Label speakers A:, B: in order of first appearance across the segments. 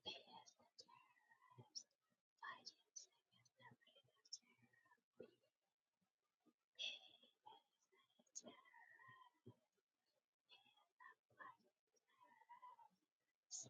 A: They asked the tariffs agents against the freedom tariff be paid as a tariff and applied as a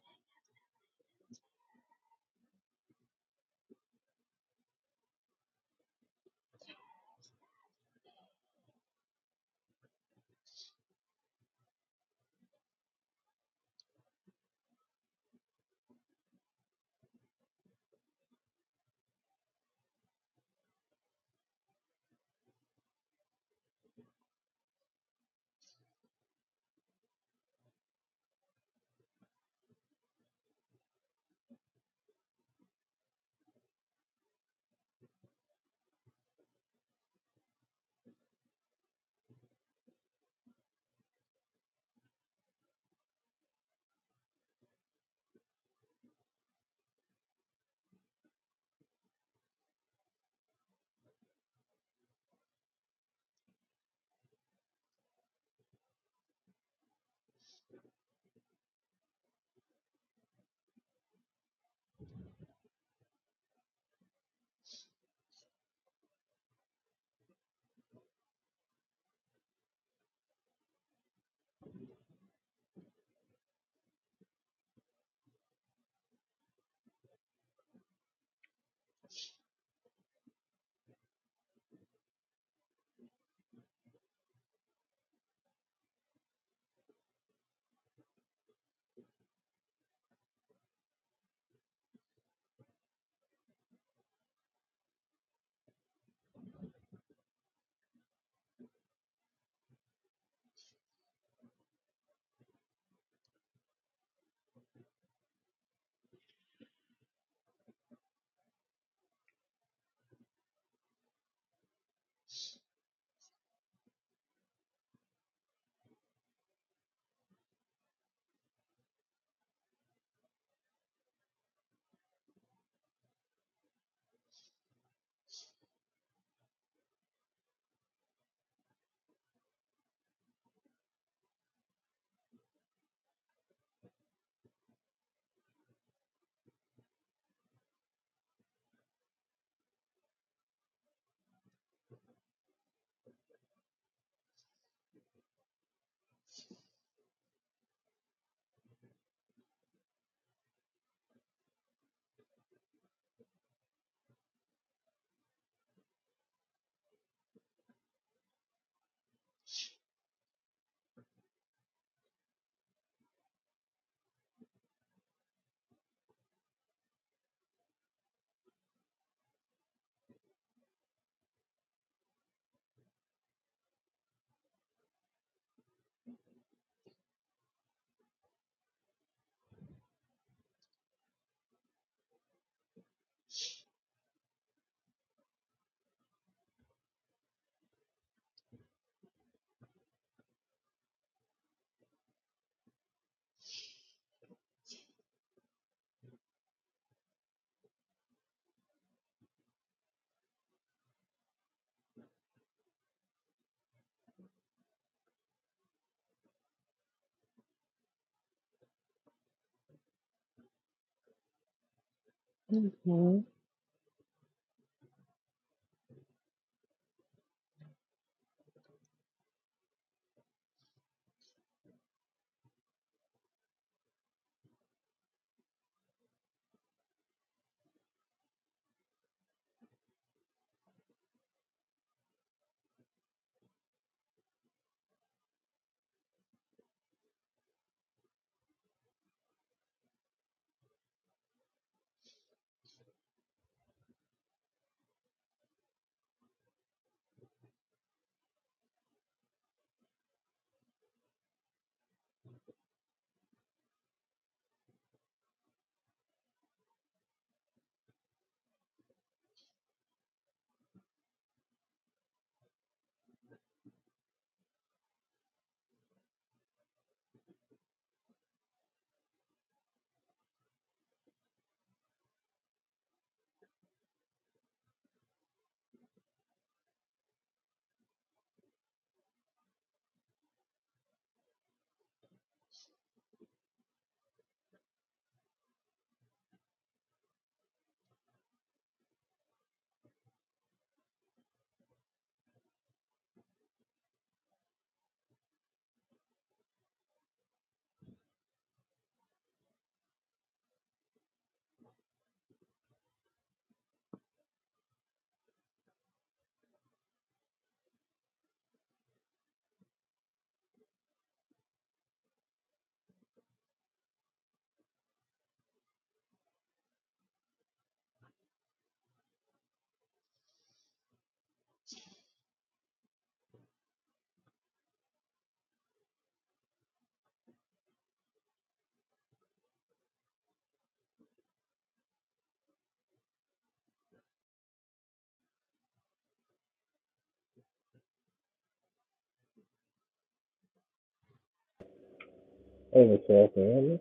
B: Hey, Michelle, can you hear me?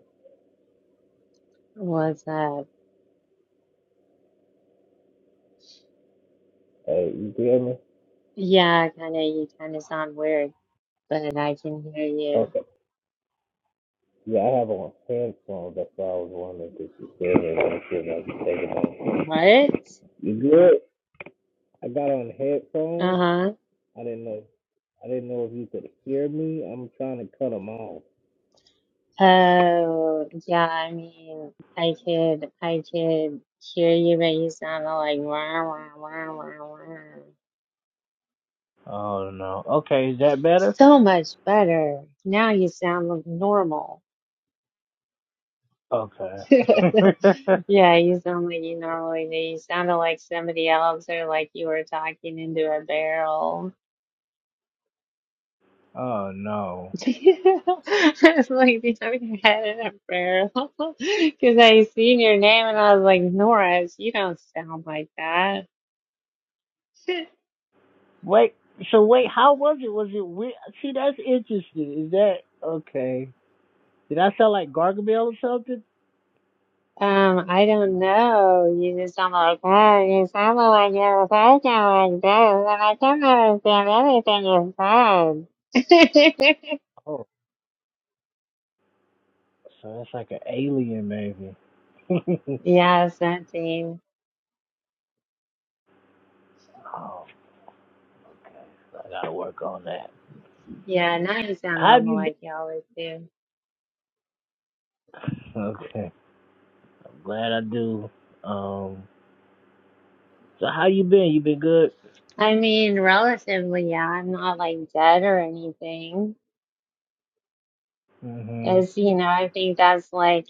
A: What's up?
B: Hey, you can hear me?
A: Yeah, kind of, you kind of sound weird, but I can hear you.
B: Okay. Yeah, I have on handphone. That's why I was wondering if you could or if you could take it off.
A: What?
B: You good? I got on headphones.
A: Uh-huh.
B: I didn't know. I didn't know if you could hear me. I'm trying to cut them off.
A: Oh, yeah, I mean, I could I could hear you, but you sounded like rah, rah, rah, rah, rah.
B: Oh no. Okay, is that better?
A: So much better. Now you sound like normal.
B: Okay.
A: Yeah, you sound like you normally do. You sounded like somebody else or like you were talking into a barrel.
B: oh no.
A: It's like you have your head in a barrel. Because I seen your name and I was like, Norris, you don't sound like that.
B: Wait. So wait, how was it? Was it weird? See, that's interesting. Is that okay? Did I sound like Gargamel or something?
A: Um, I don't know. You just sound like, oh, you sound like you were talking like this, and I can't understand anything you said.
B: Oh. So that's like an alien, maybe. oh,
A: yeah, something.
B: I gotta work on that.
A: Yeah, now you sound
B: How have
A: normal
B: you
A: like
B: been?
A: you always do.
B: Okay, I'm glad I do. Um, so how you been? You been good?
A: I mean, relatively, yeah, I'm not like dead or anything.
B: hmm
A: It's, you know, I think that's like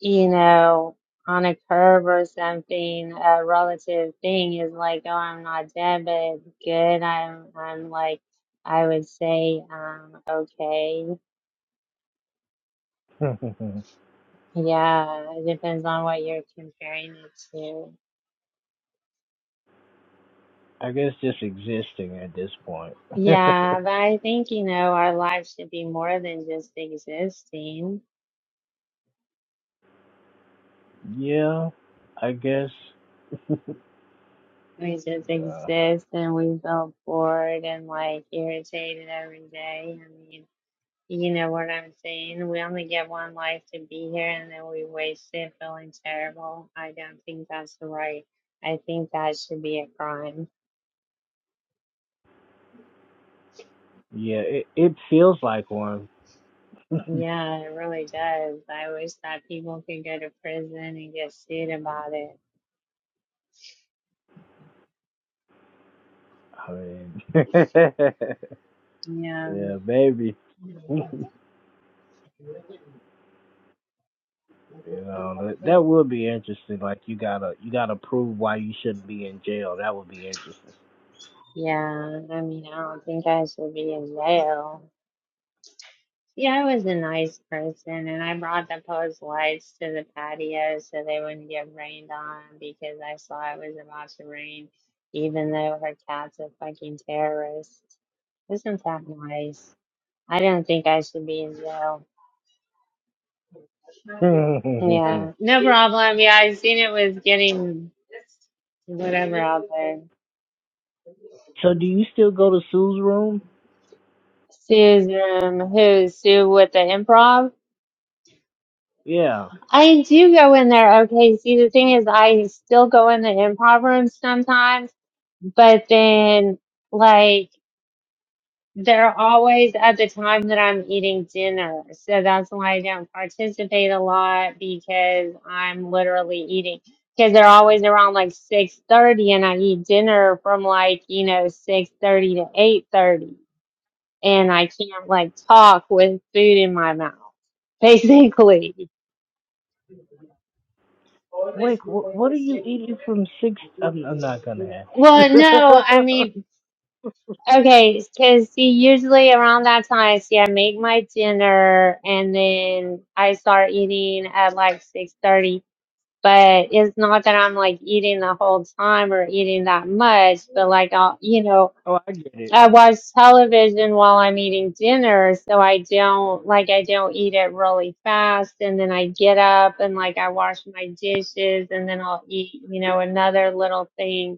A: you know, on a curb or something, a relative thing is like, oh, I'm not dead, but good. I'm, I'm like, I would say, um, okay. Yeah, it depends on what you're comparing it to.
B: I guess just existing at this point.
A: Yeah, but I think, you know, our lives should be more than just existing.
B: yeah, I guess.
A: We just
B: Uh,
A: exist and we feel bored and like irritated every day. You know what I'm saying? We only get one life to be here and then we waste it feeling terrible. I don't think that's right. I think that should be a crime.
B: yeah, it it feels like one.
A: Yeah, it really does. I wish that people could go to prison and get sued about it.
B: I mean,
A: Yeah.
B: yeah, baby. You know, that that would be interesting. Like you gotta you gotta prove why you shouldn't be in jail. That would be interesting.
A: Yeah. I mean, I don't think I should be in jail. Yeah, I was a nice person, and I brought the post lights to the patio so they wouldn't get rained on because I saw it was about to rain, even though her cat's a fucking terrorist. Isn't that nice? I don't think I should be in jail. Yeah, no problem. Yeah, I seen it was getting whatever out there.
B: so do you still go to Sue's room?
A: Sue's room. Who? Sue with the improv?
B: Yeah.
A: I do go in there. Okay. See, the thing is, I still go in the improv room sometimes But then, like, they're always at the time that I'm eating dinner. So that's why I don't participate a lot because I'm literally eating. Because they're always around like 6:30 and I eat dinner from like, you know, 6:30 to 8:30 and I can't like talk with food in my mouth. Basically.
B: Wait, wh- what are you eating from six? I'm, I'm not gonna have.
A: Well, no, I mean Okay, because see, usually around that time, see, I make my dinner and then I start eating at like 6:30. But it's not that I'm like eating the whole time or eating that much, but like I'll, you know,
B: oh, I get it.
A: I watch television while I'm eating dinner, so I don't like I don't eat it really fast, and then I get up and like I wash my dishes, and then I'll eat, you know, another little thing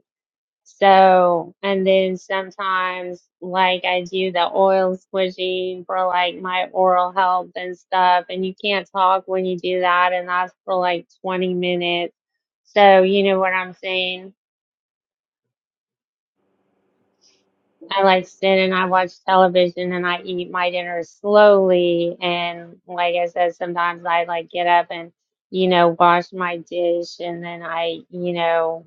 A: so, and then sometimes, like, I do the oil squishing for like my oral health and stuff. And you can't talk when you do that. And that's for like 20 minutes. So, you know what I'm saying? I like sit and I watch television and I eat my dinner slowly. And like I said, sometimes I like get up and, you know, wash my dish and then I, you know,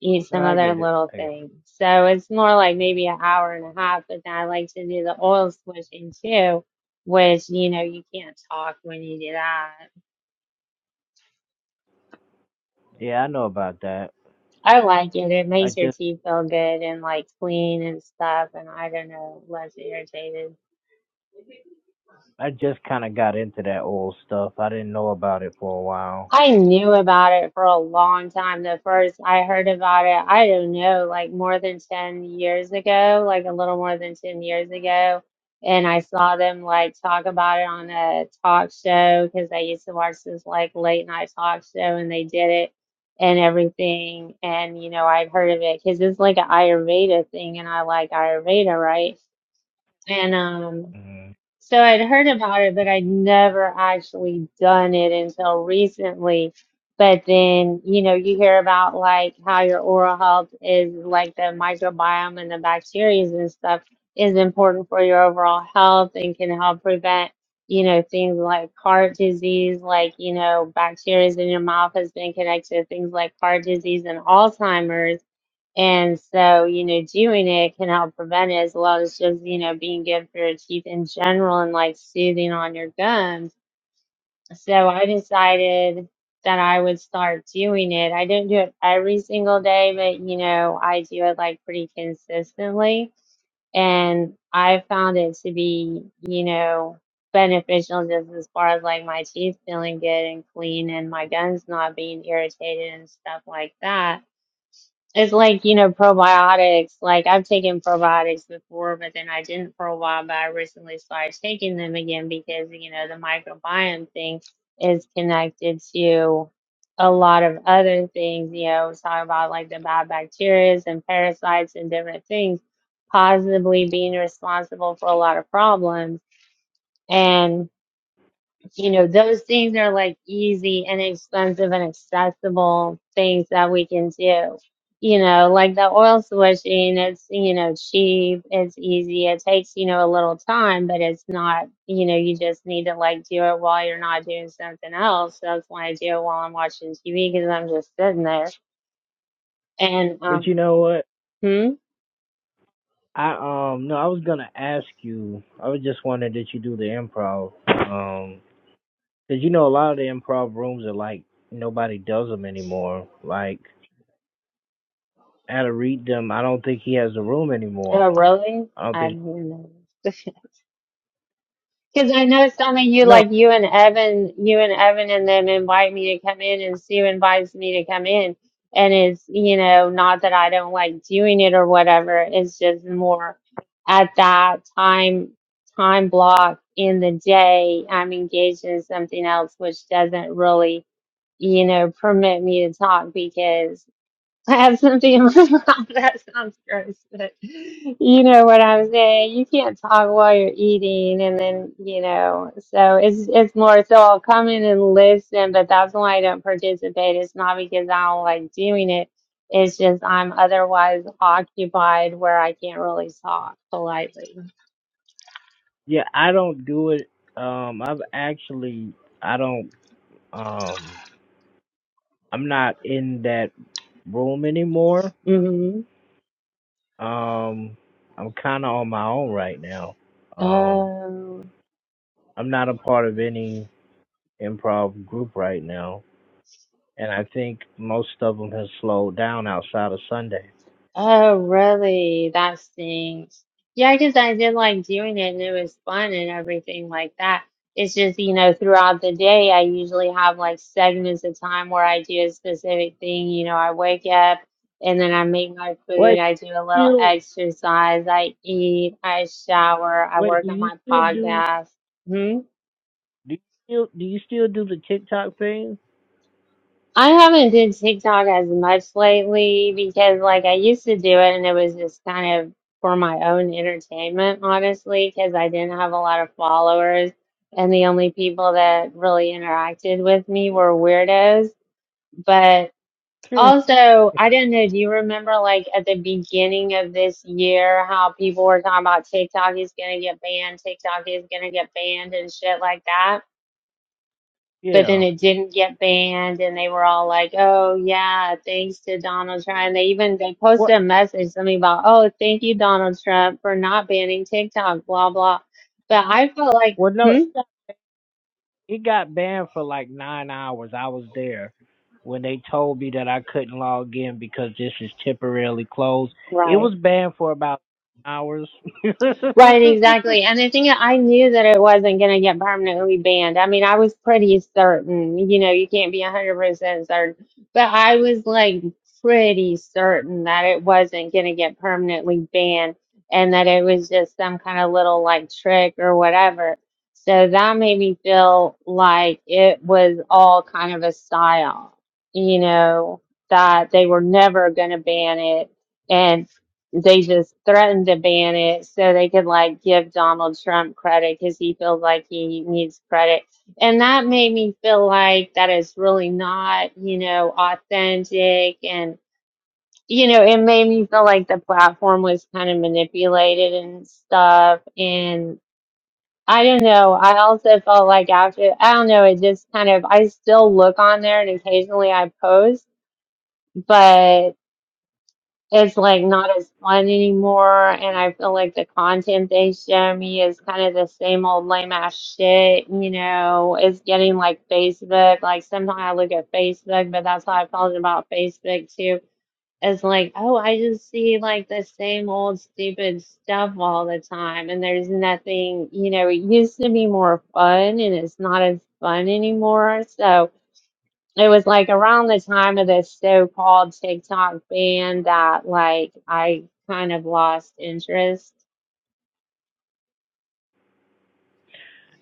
A: eat
B: No,
A: some
B: I
A: other
B: get it.
A: little
B: I get
A: things. So it's more like maybe an hour and a half, but then I like to do the oil switching too, which, you know, you can't talk when you do that.
B: it. Yeah, I know about that.
A: I like it. It
B: I
A: makes your
B: just
A: teeth feel good and like clean and stuff. And I don't know, less irritated.
B: I just kind of got into that old stuff. I didn't know about it for a while.
A: I knew about it for a long time. The first I heard about it, I don't know, like more than 10 years ago, like a little more than 10 years ago. And I saw them like talk about it on a talk show because I used to watch this like late night talk show and they did it and everything. And, you know, I'd heard of it because it's like an Ayurveda thing and I like Ayurveda, right? And, um,
B: Mhm.
A: so I'd heard about it, but I'd never actually done it until recently. But then, you know, you hear about like how your oral health is like the microbiome and the bacteria and stuff is important for your overall health and can help prevent, you know, things like heart disease, like, you know, bacteria in your mouth has been connected to things like heart disease and Alzheimer's and so, you know, doing it can help prevent it as well as just, you know, being good for your teeth in general and like soothing on your gums. So I decided that I would start doing it. I didn't do it every single day, but, you know, I do it like pretty consistently. And I found it to be, you know, beneficial just as far as like my teeth feeling good and clean and my gums not being irritated and stuff like that. It's like, you know, probiotics. Like I've taken probiotics before, but then I didn't for a while, but I recently started taking them again because, you know, the microbiome thing is connected to a lot of other things, you know, talk about like the bad bacteria and parasites and different things, possibly being responsible for a lot of problems. and you know, those things are like easy and expensive and accessible things that we can do. You know, like the oil switching, it's, you know, cheap, it's easy, it takes, you know, a little time, but it's not, you know, you just need to like do it while you're not doing something else. So That's why I do it while I'm watching TV because I'm just sitting there. And,
B: But you
A: um,
B: know what?
A: hmm?
B: I um no, I was gonna ask you. I was just wondering did you do the improv? Um, 'cause you know a lot of the improv rooms are like nobody does them anymore. Like I to read them. I don't think he has a room anymore.
A: Oh, really?
B: I don't
A: I
B: think.
A: didn't know. Because I noticed only you,
B: No,
A: like you and Evan, you and Evan and them invite me to come in, and Sue invites me to come in. And it's, you know, not that I don't like doing it or whatever. It's just more at that time, time block in the day, I'm engaged in something else, which doesn't really, you know, permit me to talk because I have something in my mouth. That sounds gross, but you know what I'm saying. You can't talk while you're eating, and then you know. So it's it's more. So I'll come in and listen, but that's why I don't participate. It's not because I don't like doing it. It's just I'm otherwise occupied where I can't really talk politely.
B: yeah, I don't do it. Um, I've actually I don't um I'm not in that room anymore.
A: Mm-hmm.
B: Um, I'm kind of on my own right now. Um,
A: Oh.
B: I'm not a part of any improv group right now. and I think most of them have slowed down outside of Sunday.
A: Oh, really? That stinks. Yeah, because I did like doing it and it was fun and everything like that. It's just, you know, throughout the day, I usually have like segments of time where I do a specific thing. You know, I wake up and then I make my food,
B: Wait,
A: I do a little
B: still,
A: exercise, I eat, I shower, I
B: wait, do
A: work on
B: you
A: my
B: still do?
A: podcast. Hmm.
B: Do you still do you still do the TikTok thing?
A: I haven't did TikTok as much lately because like I used to do it and it was just kind of for my own entertainment, honestly, because I didn't have a lot of followers and the only people that really interacted with me were weirdos. But
B: Hmm,
A: also, I don't know, do you remember like at the beginning of this year how people were talking about TikTok is gonna get banned, TikTok is gonna get banned and shit like that? but
B: yeah.
A: then it didn't get banned and they were all like oh yeah thanks to donald trump and they even they posted
B: What?
A: a message something about oh thank you donald trump for not banning tiktok blah blah but i felt like
B: Well, no,
A: hmm?
B: it got, it got banned for like nine hours. I was there when they told me that I couldn't log in because this is temporarily closed. It was banned for about hours.
A: Right, exactly. And the thing I knew that it wasn't going to get permanently banned. I mean, I was pretty certain, you know, you can't be 100% certain, but I was like pretty certain that it wasn't going to get permanently banned and that it was just some kind of little like trick or whatever. So that made me feel like it was all kind of a style, you know, that they were never going to ban it they just threatened to ban it so they could like give Donald Trump credit because he feels like he needs credit. And that made me feel like that is really not, you know, authentic. And, you know, it made me feel like the platform was kind of manipulated and stuff. And I don't know. I also felt like after, I don't know, it just kind of, I still look on there and occasionally I post, but it's like not as fun anymore and I feel like the content they show me is kind of the same old lame ass shit, you know. It's getting like Facebook. Like sometimes I look at Facebook, but that's how I felt about Facebook too. It's like, oh, I just see like the same old stupid stuff all the time and there's nothing, you know, it used to be more fun and it's not as fun anymore. So it was like around the time of this so-called TikTok ban that like I kind of lost interest.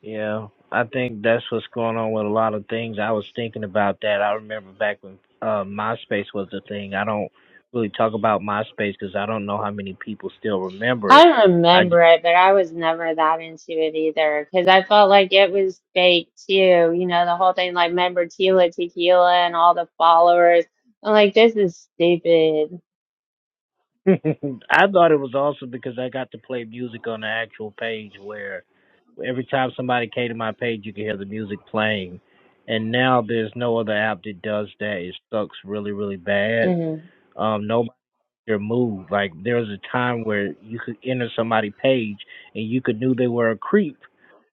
B: Yeah, I think that's what's going on with a lot of things. I was thinking about that. I remember back when uh, MySpace was the thing. I don't really talk about MySpace because I don't know how many people still remember
A: I
B: it.
A: don't
B: I just
A: remember it, but I was never that into it either because I felt like it was fake too. You know, the whole thing like member Tila Tequila and all the followers. I'm like, this is stupid.
B: I thought it was awesome because I got to play music on the actual page where every time somebody came to my page, you could hear the music playing. And now there's no other app that does that. It sucks really, really bad.
A: hmm
B: Um, no. your mood, Like there was a time where you could enter somebody's page and you could knew they were a creep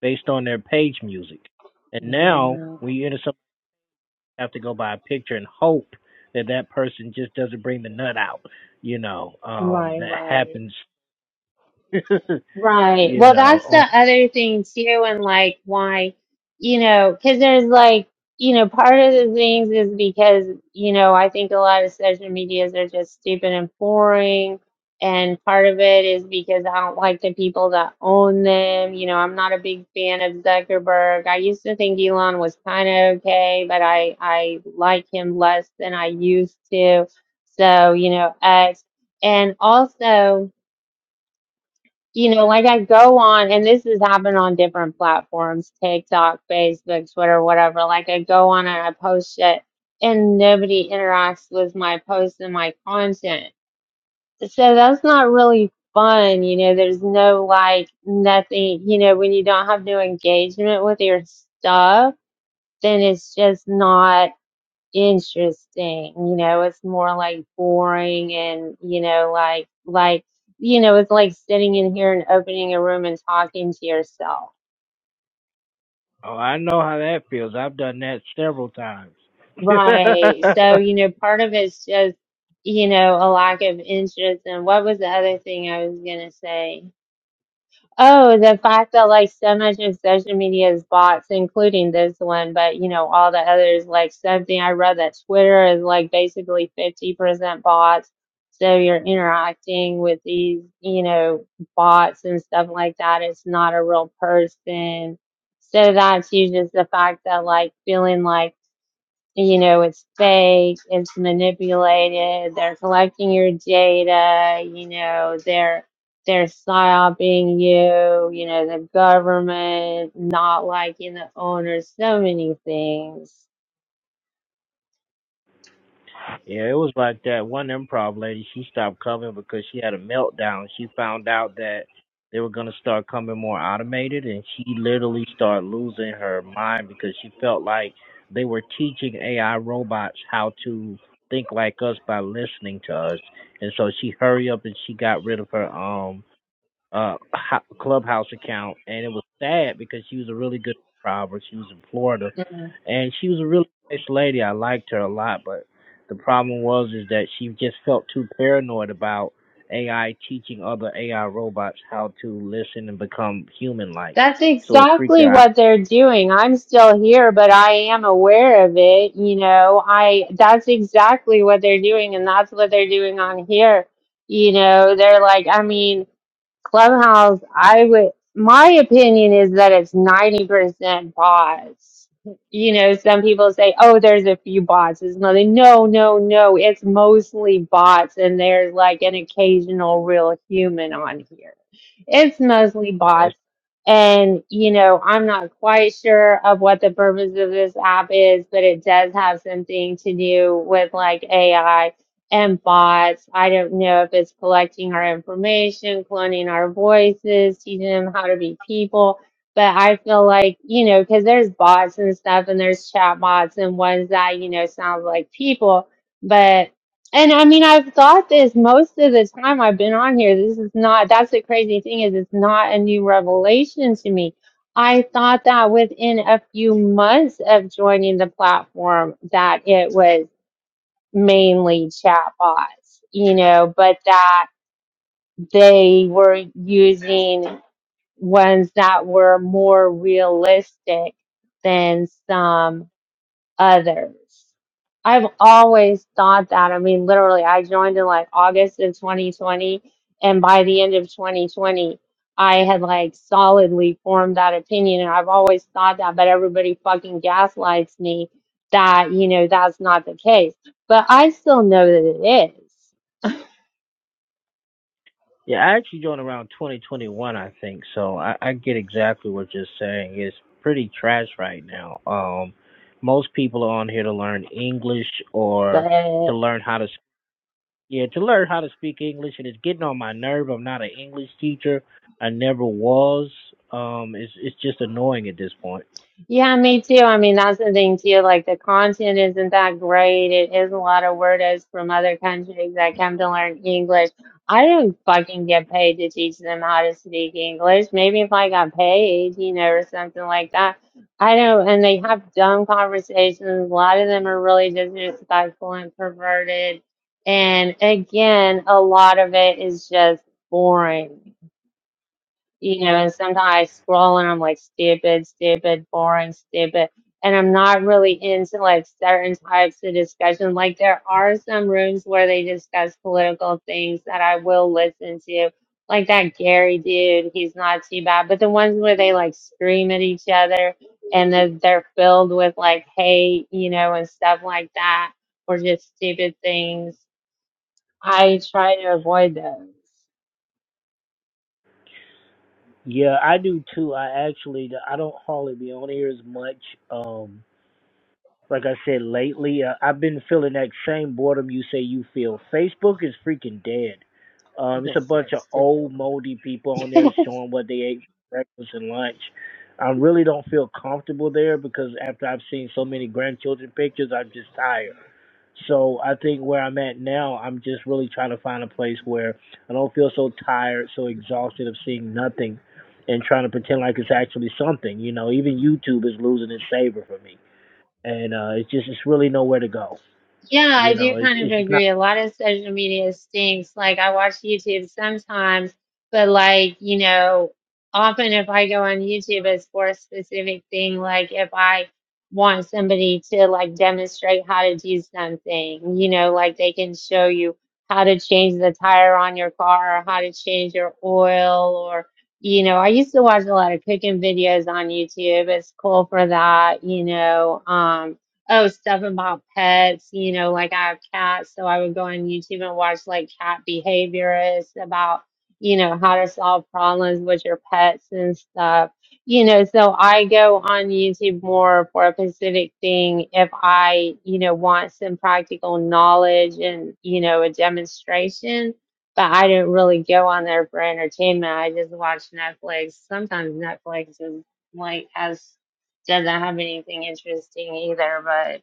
B: based on their page music. And now
A: Yeah.
B: when you enter somebody, you have to go by a picture and hope that that person just doesn't bring the nut out. You know, um,
A: Right,
B: that
A: right.
B: happens. you
A: Right. Well,
B: know,
A: that's the
B: on,
A: other thing too, and like why, you know, because there's like, you know, part of the things is because, you know, I think a lot of social medias are just stupid and boring. And part of it is because I don't like the people that own them. You know, I'm not a big fan of Zuckerberg. I used to think Elon was kind of okay, but I I like him less than I used to. So, you know, X. And also, you know, like I go on, and this has happened on different platforms TikTok, Facebook, Twitter, whatever. Like I go on and I post it, and nobody interacts with my post and my content. So that's not really fun. You know, there's no like nothing, you know, when you don't have no engagement with your stuff, then it's just not interesting. You know, it's more like boring and, you know, like, like, you know, it's like sitting in here and opening a room and talking to yourself.
B: oh, I know how that feels. I've done that several times.
A: Right. So, you know, part of it's just, you know, a lack of interest. And what was the other thing I was going to say? Oh, the fact that like so much of social media is bots, including this one, but you know, all the others, like something I read that Twitter is like basically 50% bots. So you're interacting with these, you know, bots and stuff like that. It's not a real person. So that's you just the fact that like feeling like you know, it's fake, it's manipulated, they're collecting your data, you know, they're they're psyoping you, you know, the government, not liking the owner, so many things.
B: Yeah, it was like that. One improv lady, she stopped coming because she had a meltdown. She found out that they were gonna start coming more automated, and she literally started losing her mind because she felt like they were teaching AI robots how to think like us by listening to us. And so she hurry up and she got rid of her um uh ho- clubhouse account and it was sad because she was a really good improver she was in florida and she was a really nice lady i liked her a lot but the problem was is that she just felt too paranoid about ai teaching other ai robots how to listen and become human like
A: That's
B: so it freaked
A: exactly
B: her
A: what they're doing. I'm still here, but I am aware of it, you know. I that's exactly what they're doing and that's what they're doing on here. You know, they're like, I mean, Clubhouse, I would, my opinion is that it's 90% bots. You know, some people say, oh, there's a few bots. It's nothing. No, no, no. It's mostly bots, and there's like an occasional real human on here. It's mostly
B: out
A: bots. And, you know, I'm not quite sure of what the purpose of this app is, but it does have something to do with like AI and bots. I don't know if it's collecting our information, cloning our voices, teaching them how to be people. But I feel like, you know, because there's bots and stuff and there's chat bots and ones that, you know, sound like people. But, and I mean, I've thought this most of the time I've been on here. This is not, that's the crazy thing is it's not a new revelation to me. I thought that within a few months of joining the platform that it was mainly chatbots, you know, but that they were using ones that were more realistic than some others. I've always thought that. I mean, literally, I joined in like August of 2020, and by the end of 2020, I had like solidly formed that opinion, and I've always thought that. But everybody fucking gaslights me that you know that's not the case. But I still know that it
B: Yeah, I actually joined around 2021, I think. So I, I get exactly what you're saying. It's pretty trash right now. Um, most people are on here to learn English or
A: is.
B: to learn how to s- yeah to learn how to speak English, and it's getting on my nerve. I'm not an English teacher. I never was. Um, it's it's just annoying at this point.
A: Yeah, me too. I mean, that's the thing too. Like the content isn't that great. It is a lot of weirdos from other countries that come to learn English. I don't fucking get paid to teach them how to speak English. Maybe if I got paid, you know, or something like that. I don't, and they have dumb conversations. A lot of them are really disrespectful and perverted. And again, a lot of it is just boring you know, and sometimes I scroll and I'm like stupid, stupid, boring, stupid. And I'm not really into like certain types of discussion. Like there are some rooms where they discuss political things that I will listen to. Like that Gary dude, he's not too bad. But the ones where they like scream at each other and they're, they're filled with like hate, you know, and stuff like that, or just stupid things, I try to avoid those.
B: Yeah, I do too. I actually I don't hardly be on here as much. Um Like I said lately, uh, I've been feeling that same boredom you say you feel. Facebook is freaking dead. Um, it's a bunch of old moldy people on there showing what they ate for breakfast and lunch. I really don't feel comfortable there because after I've seen so many grandchildren pictures, I'm just tired. So I think where I'm at now, I'm just really trying to find a place where I don't feel so tired, so exhausted of seeing nothing, and trying to pretend like it's actually something. You know, even YouTube is losing its savor for me and uh, it's just it's really nowhere to go.
A: Yeah,
B: You
A: I do
B: know, it's
A: kind of
B: it's not.
A: agree. A lot of social media stinks. Like I watch YouTube sometimes, but like, you know, often if I go on YouTube it's for a specific thing, like if I want somebody to like demonstrate how to do something, you know, like they can show you how to change the tire on your car or how to change your oil or you know, I used to watch a lot of cooking videos on YouTube. It's cool for that, you know. Um oh stuff about pets you know like i have cats so i would go on youtube and watch like cat behaviorists about you know how to solve problems with your pets and stuff you know so i go on youtube more for a specific thing if i you know want some practical knowledge and you know a demonstration but i don't really go on there for entertainment i just watch netflix sometimes netflix is like has doesn't have anything interesting either. But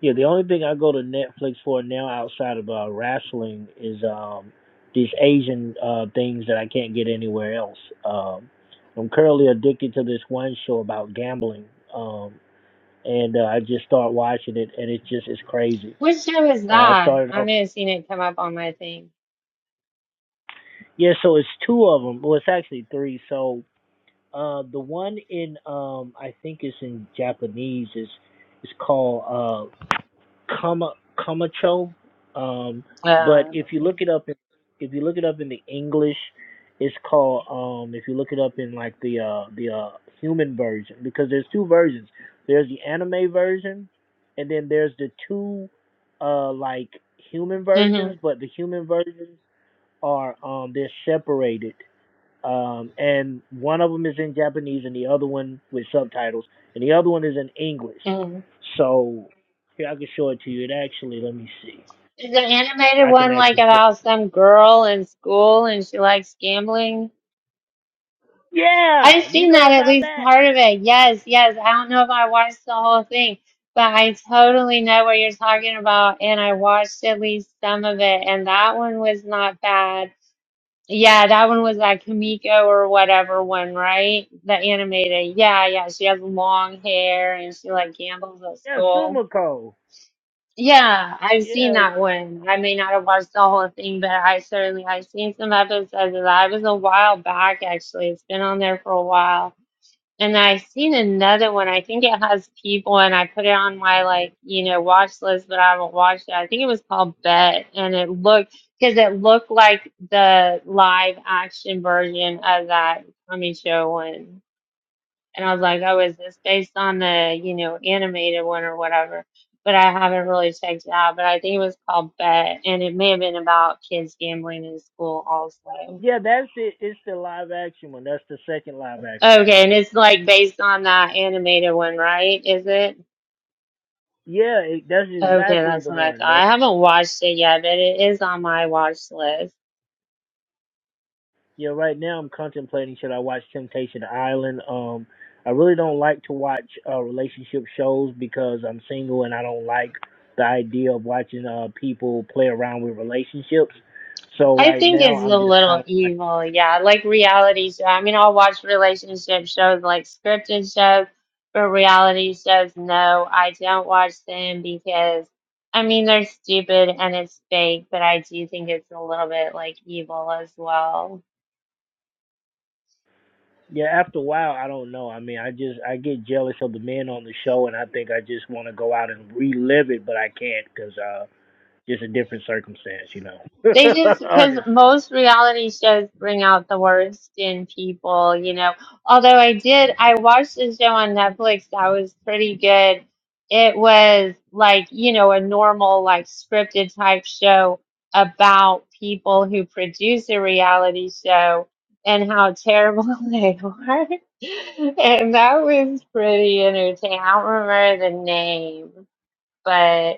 B: Yeah, the only thing I go to Netflix for now outside of uh, wrestling is um these Asian uh things that I can't get anywhere else. Um, I'm currently addicted to this one show about gambling. Um, and uh, I just start watching it, and it's just it's crazy.
A: which show is
B: Uh, I
A: that?
B: started
A: I
B: off,
A: may have seen it come up on my thing.
B: yeah. So it's two of them. Well, it's actually three. So uh, the one in um I think it's in Japanese is it's called uh, Kama Kamacho. Um, but
A: Uh,
B: if you
A: hmm
B: look it up, in, if you look it up in the English, it's called. Um, if you look it up in like the uh, the uh, human version, because there's two versions. There's the anime version, and then there's the two uh, like human versions. But the human versions are um, they're separated um, and one of them is in Japanese and the other one with subtitles, and the other one is in English.
A: hmm
B: So here I can show it to you. It actually, let me see.
A: Is the animated
B: I can
A: one like
B: actually show it.
A: about some girl in school and she likes gambling?
B: Yeah,
A: I've
B: you
A: seen
B: know
A: that at
B: about
A: least
B: that?
A: part of it. Yes, yes. I don't know if I watched the whole thing, but I totally know what you're talking about, and I watched at least some of it, and that one was not bad. Yeah, that one was that Kamiko or whatever one, right? The animated. Yeah, yeah. She has long hair and she like gambles at
B: Yeah,
A: school.
B: Sumiko.
A: Yeah, I've seen
B: Yeah,
A: that one. I may not have watched the whole thing, but I certainly I've seen some episodes of that. It was a while back actually. It's been on there for a while. And I seen another one. I think it has people, and I put it on my like you know watch list, but I haven't watched it. I think it was called Bet, and it looked because it looked like the live action version of that Tommy show one. And I was like, oh, is this based on the you know animated one or whatever? But I haven't really checked it out. But I think it was called Bet, and it may have been about kids gambling in school also.
B: yeah, that's it. It's the live action one. That's the second live action one.
A: Okay, and it's like based on that animated one, right? Is it?
B: Yeah, it, that's
A: Okay,
B: exactly
A: that's
B: the
A: what I
B: one.
A: thought.
B: That's
A: I haven't watched it yet, but it is on my watch list.
B: Yeah, right now I'm contemplating should I watch Temptation Island. Um, I really don't like to watch uh, relationship shows because I'm single and I don't like the idea of watching uh people play around with relationships. So
A: I
B: right
A: think
B: now
A: it's a
B: I'm just kind
A: little
B: of like,
A: evil, yeah, like reality show. I mean, I'll watch relationship shows like scripted shows, but reality shows, no, I don't watch them because I mean they're stupid and it's fake, but I do think it's a little bit like evil as well.
B: yeah. After a while, I don't know. I mean, I just I get jealous of the men on the show, and I think I just want to go out and relive it, but I can't because uh, just a different circumstance, you know.
A: They just because
B: Honestly.
A: most reality shows bring out the worst in people, you know. Although I did, I watched a show on Netflix that was pretty good. It was like, you know, a normal, like scripted type show about people who produce a reality show and how terrible they are. And that was pretty entertaining. I don't remember the name, but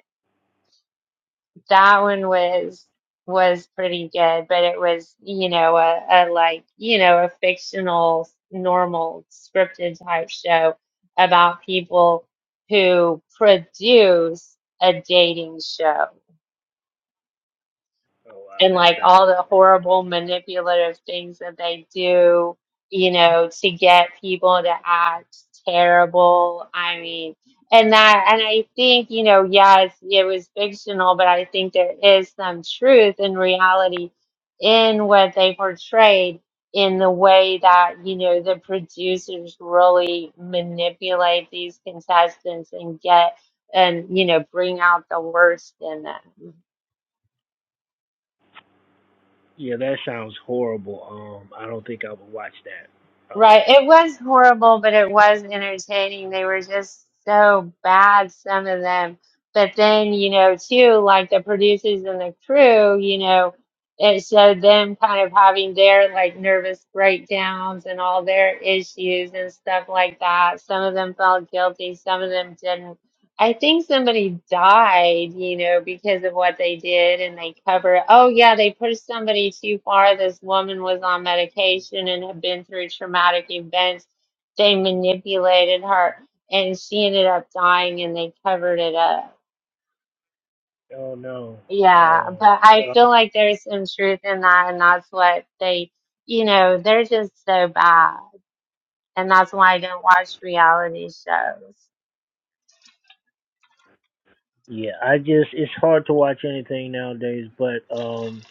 A: that one was was pretty good, but it was, you know, a, a like, you know, a fictional, normal scripted type show about people who produce a dating show
B: Oh wow,
A: and
B: that
A: like all
B: sounds.
A: the horrible manipulative things that they do, you know, to get people to act terrible. I mean, and that, and I think, you know, yes, it was fictional, but I think there is some truth in reality in what they portrayed in the way that, you know, the producers really manipulate these contestants and get and, you know, bring out the worst in them.
B: Yeah, that sounds horrible. Um, I don't think I would watch that. Um,
A: Right. It was horrible, but it was entertaining. They were just so bad, some of them. But then, you know, too, like the producers and the crew, you know, it showed them kind of having their like nervous breakdowns and all their issues and stuff like that. Some of them felt guilty, some of them didn't. I think somebody died, you know, because of what they did and they cover oh yeah, they pushed somebody too far. This woman was on medication and had been through traumatic events. They manipulated her and she ended up dying and they covered it up.
B: oh no.
A: Yeah, but I
B: Um, uh,
A: feel like there's some truth in that and that's what they, you know, they're just so bad. And that's why I don't watch reality shows.
B: yeah, I just it's hard to watch anything nowadays. But um,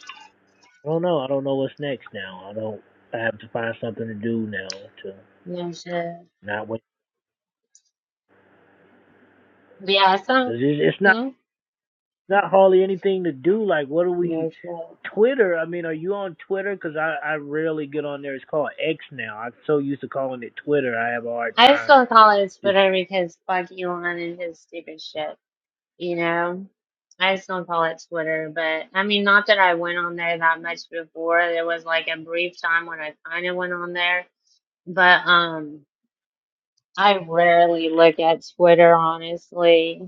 B: I don't know. I don't know what's next now. I don't. I have to find something to do now to
A: No shit.
B: not wait.
A: Yeah, some
B: 'Cause It's, it's not
A: hmm?
B: not hardly anything to do. Like, what do we?
A: No shit.
B: Twitter. I mean, are you on Twitter? Because I I rarely get on there. It's called X now. I'm so used to calling it Twitter. I have a hard
A: I
B: time.
A: still call it
B: Just
A: Twitter because fuck Elon and his stupid shit, you know? I still call it Twitter, but I mean, not that I went on there that much before. There was like a brief time when I kind of went on there, but um, I rarely look at Twitter, honestly.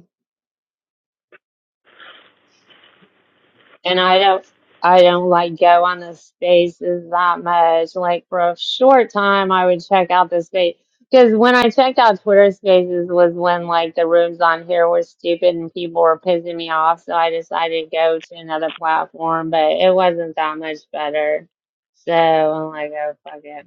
A: and I don't I don't like go on the spaces that much. Like for a short time, I would check out the space because when I checked out Twitter Spaces was when like the rooms on here were stupid and people were pissing me off, so I decided to go to another platform. But it wasn't that much better, so I'm like, oh fuck it.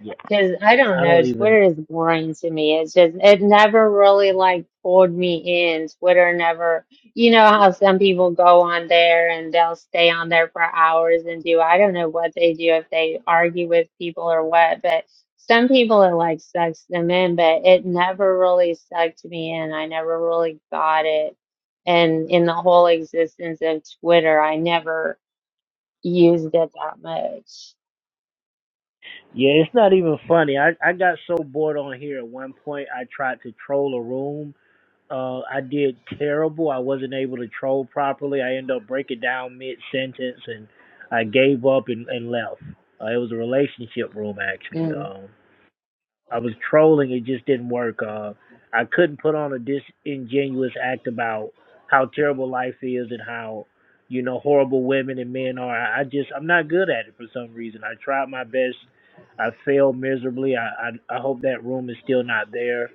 B: yeah,
A: Because I
B: yeah.
A: don't
B: I
A: know,
B: don't even.
A: Twitter is boring to me. It's just, it never really like pulled me in. Twitter never, you know how some people go on there and they'll stay on there for hours and do, I don't know what they do if they argue with people or what, but some people it like sucks them in, but it never really sucked me in. I never really got it. And in the whole existence of Twitter, I never used it that much.
B: Yeah, it's not even funny. I, I got so bored on here at one point I tried to troll a room. Uh I did terrible. I wasn't able to troll properly. I ended up breaking down mid sentence and I gave up and, and left. Uh, it was a relationship room actually.
A: Mm.
B: Um, I was trolling. It just didn't work. Uh, I couldn't put on a disingenuous act about how terrible life is and how you know horrible women and men are. I I just I'm not good at it for some reason. I tried my best. I failed miserably. I I, I hope that room is still not there.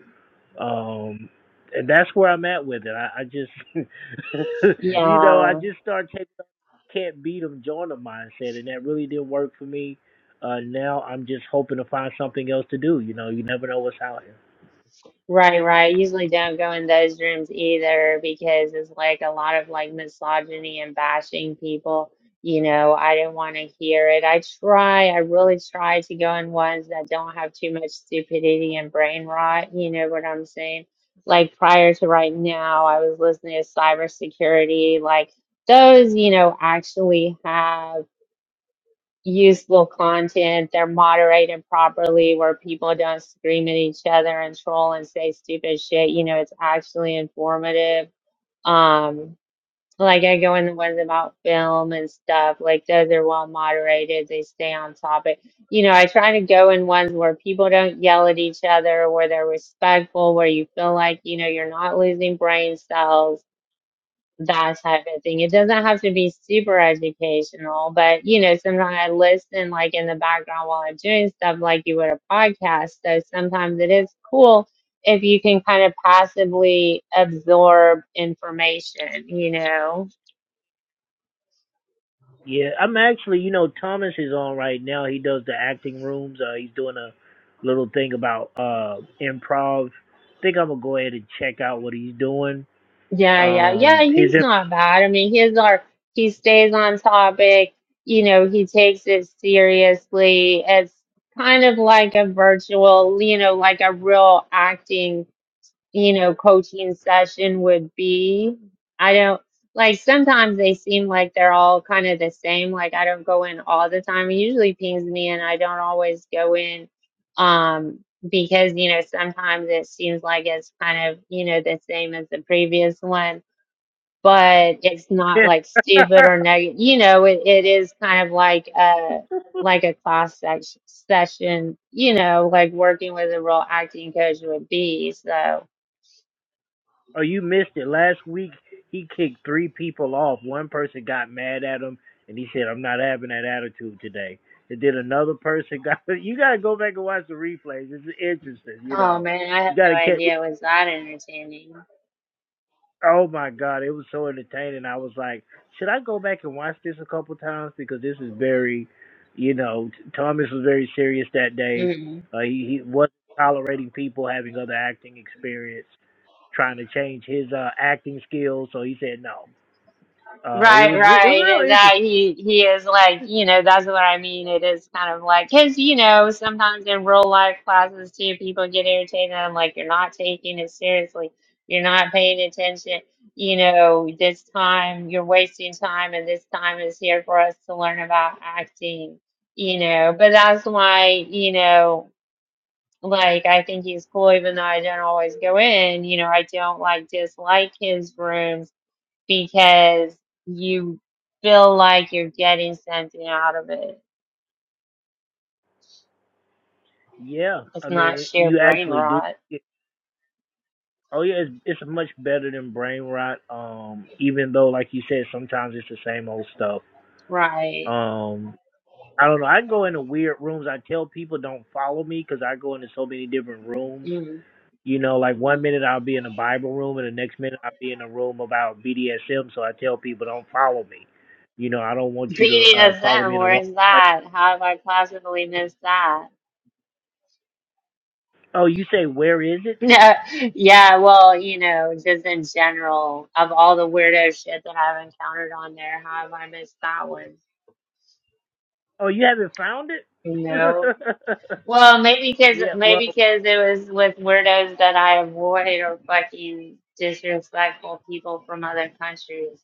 B: Um, and that's where I'm at with it. I, I just you know
A: Yeah.
B: I just start taking can't beat them, join them mindset, and that really didn't work for me. Uh, now I'm just hoping to find something else to do. You know, you never know what's out here.
A: Right, right. Usually don't go in those rooms either because it's like a lot of like misogyny and bashing people. You know, I didn't want to hear it. I try, I really try to go in ones that don't have too much stupidity and brain rot. You know what I'm saying? Like prior to right now, I was listening to cybersecurity. Like those, you know, actually have useful content. They're moderated properly where people don't scream at each other and troll and say stupid shit. You know, it's actually informative. Um, like I go in the ones about film and stuff, like those are well moderated. They stay on topic. You know, I try to go in ones where people don't yell at each other, where they're respectful, where you feel like, you know, you're not losing brain cells that type of thing. It doesn't have to be super educational, but you know, sometimes I listen like in the background while I'm doing stuff like you would a podcast. So sometimes it is cool if you can kind of passively absorb information, you know.
B: Yeah, I'm actually, you know, Thomas is on right now. He does the acting rooms. Uh, he's doing a little thing about uh improv. I think I'm gonna go ahead and check out what he's doing.
A: Yeah, yeah, yeah,
B: Um, his
A: he's not bad. I mean, he's our he stays on topic, you know, he takes it seriously. It's kind of like a virtual, you know, like a real acting you know, coaching session would be. I don't like sometimes they seem like they're all kind of the same. Like I don't go in all the time. It usually pings me and I don't always go in um because you know sometimes it seems like it's kind of you know the same as the previous one but it's not like stupid or negative you know it, it is kind of like a like a class sex- session you know like working with a real acting coach would be so
B: Oh, you missed it. Last week he kicked three people off. One person got mad at him and he said, I'm not having that attitude today. And then another person got you gotta go back and watch the replays. It's interesting, you
A: Oh
B: know.
A: man, I
B: You
A: have no
B: gotta catch
A: idea it was that entertaining.
B: oh my god, it was so entertaining. I was like, should I go back and watch this a couple times? Because this is very you know, Thomas was very serious that day.
A: Mm.
B: Uh, he, he wasn't tolerating people having other acting experience, trying to change his uh, acting skills. So he said no Uh, it
A: Right,
B: was re- it was
A: right.
B: real
A: and
B: interesting.
A: That he he is like, you know, that's what I mean. It is kind of like, because, you know, sometimes in real life classes too, people get irritated. I'm like, you're not taking it seriously. You're not paying attention. You know, this time you're wasting time, and this time is here for us to learn about acting, you know. But that's why, you know. Like, I think he's cool, even though I don't always go in. You know, I don't like dislike his rooms because you feel like you're getting something out of it.
B: Yeah,
A: It's
B: I mean,
A: not
B: it,
A: sheer
B: you
A: brain
B: actually do.
A: rot,
B: It, oh yeah, it's it's much better than brain rot. Um, even though, like you said, sometimes it's the same old stuff.
A: right?
B: Um, I don't know. I go into weird rooms. I tell people don't follow me because I go into so many different rooms.
A: Mm.
B: You know, like one minute I'll be in a Bible room, and the next minute I'll be in a room about BDSM. So I tell people don't follow me. You know, I don't want you to
A: Beating
B: uh,
A: us
B: follow
A: them,
B: me in the wrong
A: where's
B: place.
A: that? How have I possibly missed that?
B: Oh, you say where is it?
A: No, yeah, well, you know, just in general, of all the weirdo shit that I've encountered on there, how have I missed that one?
B: Oh, you haven't found it?
A: No. Well, maybe because
B: yeah, well,
A: maybe because it was with weirdos that I avoid or fucking disrespectful people from other countries.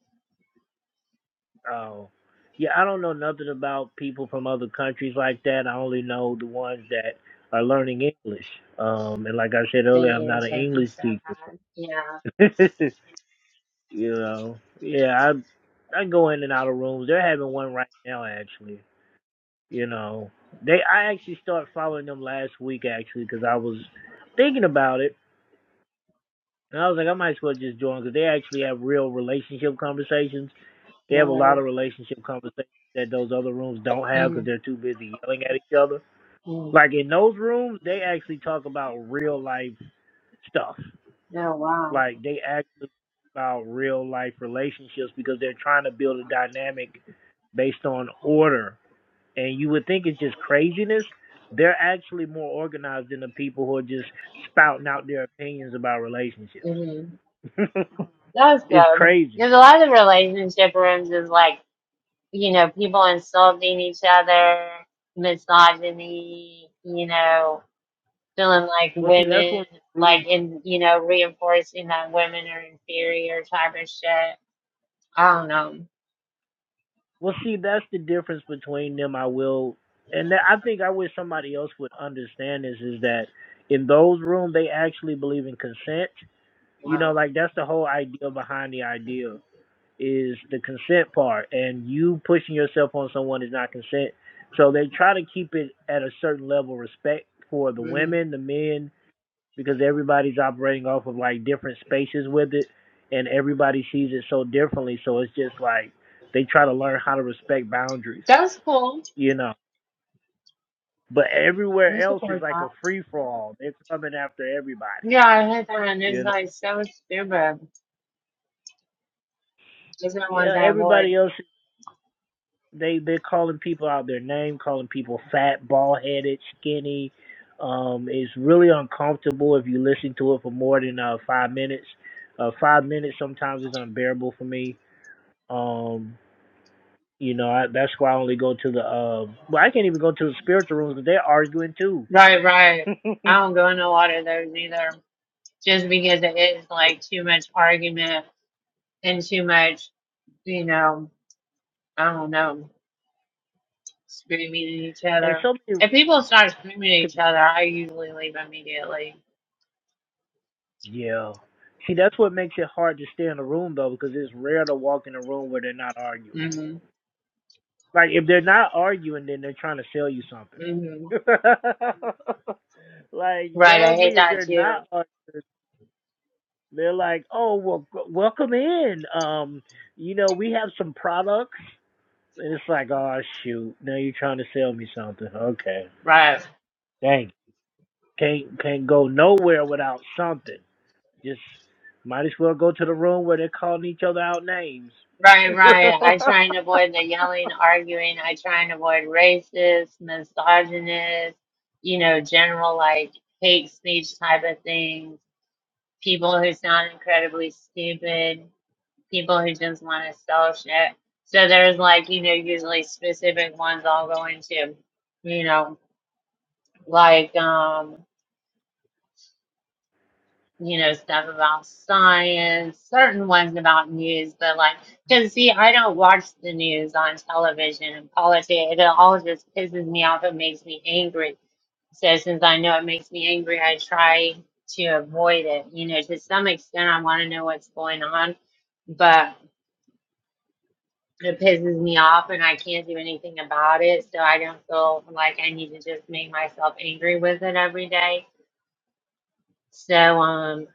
B: oh. Yeah, I don't know nothing about people from other countries like that. I only know the ones that are learning English. Um, and like I said earlier,
A: They
B: I'm not an
A: irritate me
B: English
A: so
B: teacher.
A: bad. Yeah.
B: you know, yeah, I I go in and out of rooms. They're having one right now, actually. You know, they I actually started following them last week actually because I was thinking about it, and I was like, I might as well just join because they actually have real relationship conversations They have a lot of
A: Word.
B: relationship conversations that those other rooms don't have because
A: mm
B: they're too busy yelling at each other.
A: mm
B: Like in those rooms, they actually talk about real life stuff.
A: No.
B: Like they actually talk about real life relationships because they're trying to build a dynamic based on order. And you would think it's just craziness. They're actually more organized than the people who are just spouting out their opinions about relationships.
A: hmm That was
B: it's
A: good.
B: crazy.
A: Because a lot of the relationship rooms is like, you know, people insulting each other, misogyny, you know, feeling like
B: Well, see, that's
A: women,
B: one. of the rules
A: like in, you know, reinforcing that women are inferior type of shit. I don't know.
B: Well, see, that's the difference between them. I will, and that, I think I wish somebody else would understand this is that in those rooms they actually believe in consent. You know,
A: Wow.
B: like that's the whole idea behind the idea is the consent part, and you pushing yourself on someone is not consent. So they try to keep it at a certain level of respect for the women, the men, because everybody's operating off of like different spaces with it and everybody sees it so differently so it's just like they try to learn how to respect boundaries
A: That's cool.
B: you know but
A: I
B: everywhere
A: That's cool
B: else is
A: for
B: like a
A: that.
B: free for all they're coming after everybody
A: Yeah, I heard that and it's
B: you know
A: like so stupid. Those are the
B: yeah
A: ones I avoid.
B: everybody else they they're calling people out their name calling people fat bald headed skinny um it's really uncomfortable if you listen to it for more than uh five minutes uh five minutes sometimes is unbearable for me um You know, I, that's why I only go to the. Uh, well, I can't even go to the spiritual rooms because they're arguing too.
A: Right, right.
B: and
A: I don't go in a lot of those either. Just because it is like too much argument and too much, you know, I don't know, screaming at each other.
B: so many.
A: If people start screaming at each other, I usually leave immediately.
B: Yeah. See, that's what makes it hard to stay in a room though, because it's rare to walk in a room where they're not arguing.
A: hmm
B: Like if they're not arguing, then they're trying to sell you something.
A: hmm
B: like
A: Right, I
B: normally,
A: hate
B: if
A: that
B: they're not
A: too.
B: arguing, they're like, "Oh, well, g- welcome in. Um, you know, we have some products. And it's like, oh shoot, now you're trying to sell me something. Okay,
A: Right.
B: dang, can't can't go nowhere without something. Just might as well go to the room where they're calling each other out names.
A: Right, right. I try and avoid the yelling, arguing. I try and avoid racist, misogynist, you know, general like hate speech type of things. People who sound incredibly stupid. People who just want to sell shit. So there's like, you know, usually specific ones I'll go into, you know, like, um, you know, stuff about science, certain ones about news, but like, because see, I don't watch the news on television and politics. It all just pisses me off. It makes me angry. So since I know it makes me angry, I try to avoid it. You know, to some extent, I want to know what's going on, but it pisses me off and I can't do anything about it. So I don't feel like I need to just make myself angry with it every day So, um,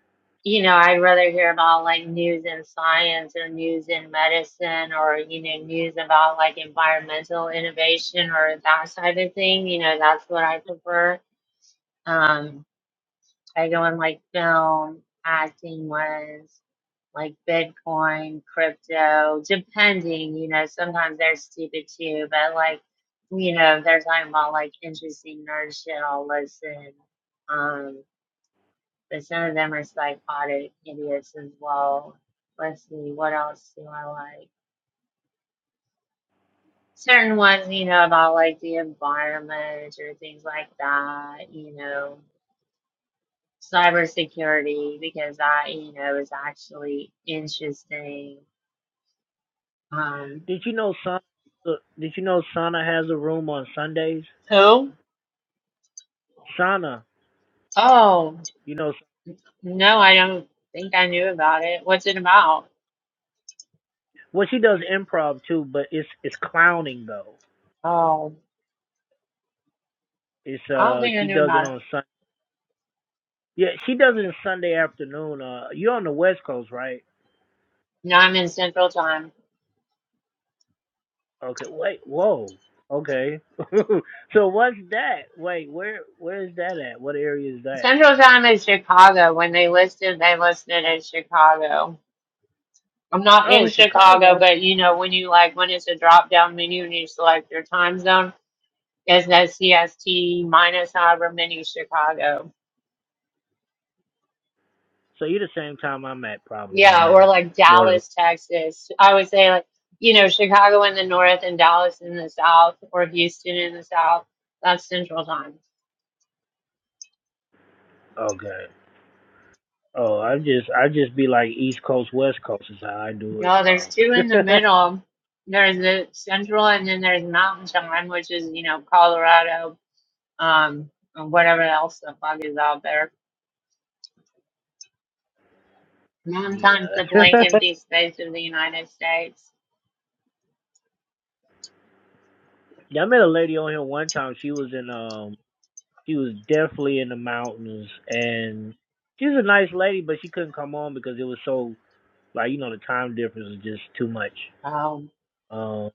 A: you know, I'd rather hear about like news in science or news in medicine or, you know, news about like environmental innovation or that side of thing. You know, that's what I prefer. Um, I go in like film, acting ones, like Bitcoin, crypto, depending, you know, sometimes they're stupid too, but like, you know, if they're talking about like interesting nerd shit, I'll listen. Um, but some of them are psychotic idiots as well. Let's see, what else do I like? Certain ones, you know, about like the environment or things like that, you know, cybersecurity, because that, you know, is actually interesting. Um,
B: did you know Sana? Did you know Sana has a room on Sundays?
A: who?
B: Sana,
A: Oh,
B: you know,
A: no, I don't think I knew about it. What's it about?
B: well she does improv too, but it's it's clowning though.
A: Oh,
B: It's
A: I don't
B: uh
A: think I
B: she
A: knew
B: does it
A: about it.
B: on Sunday. Yeah, she does it on Sunday afternoon. Uh, you're on the West Coast, right?
A: No, I'm in Central Time.
B: Okay, wait, whoa. Okay. so what's that? Wait, where where is that at? What area is that?
A: Central Time is Chicago. When they listed, they listed as Chicago. I'm not
B: Oh,
A: in Chicago,
B: Chicago.
A: but you know, when you like, when it's a drop down menu and you select your time zone, it says CST minus however many Chicago.
B: So you're the same time I'm at probably
A: Yeah, or
B: then.
A: like
B: More than
A: Dallas, Texas. I would say like, you know, Chicago in the north and Dallas in the south or Houston in the south. That's Central Time.
B: okay. Oh, I just I just be like East Coast, West Coast is how I do it.
A: No, there's two in the
B: Um
A: middle. There's the Central and then there's Mountain Time, which is, you know, Colorado. um, and whatever else the fuck is out there. Sometimes the
B: Yeah.
A: blank empty space of the United States.
B: yeah, I met a lady on here one time. She was in um she was definitely in the mountains and she was a nice lady but she couldn't come on because it was so like, you know, the time difference was just too much.
A: Um,
B: Um,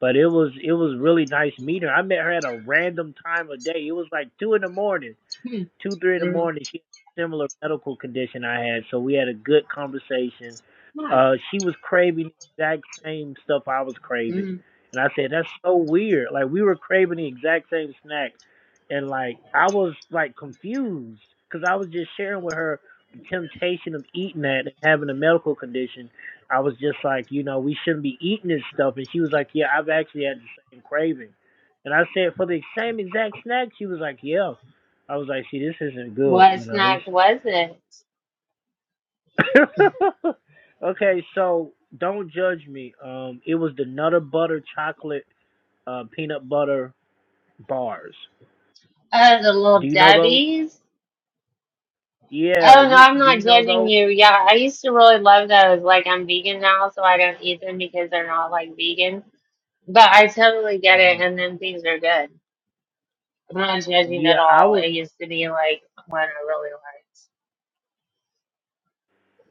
B: but it was it was really nice meeting her. I met her at a random time of day. It was like two in the morning,
A: hmm,
B: two three in the
A: hmm,
B: morning. She had a similar medical condition I had, so we had a good conversation. Uh, she was craving the exact same stuff I was craving,
A: hmm.
B: and I said that's so weird. Like we were craving the exact same snack, and like I was like confused because I was just sharing with her the temptation of eating that and having a medical condition. I was just like, you know, we shouldn't be eating this stuff, and she was like, yeah, I've actually had the same craving, and I said for the same exact snack, she was like, yeah. I was like, see, this isn't good,
A: what
B: you know. This
A: snack was it?
B: okay, so don't judge me. Um, it was the Nutter Butter Chocolate uh, Peanut Butter Bars.
A: Oh, the
B: Do
A: little
B: you know those?
A: Debbie's.
B: Yeah,
A: Oh no,
B: you
A: I'm
B: do
A: not
B: you know
A: judging
B: those?
A: you. Yeah, I used to really love those. Like I'm vegan now, so I don't eat them because they're not like vegan. But I totally get it,
B: Mhm.
A: and then things are good. I'm not judging at
B: Yeah, I
A: all.
B: was.
A: It used to be like what I really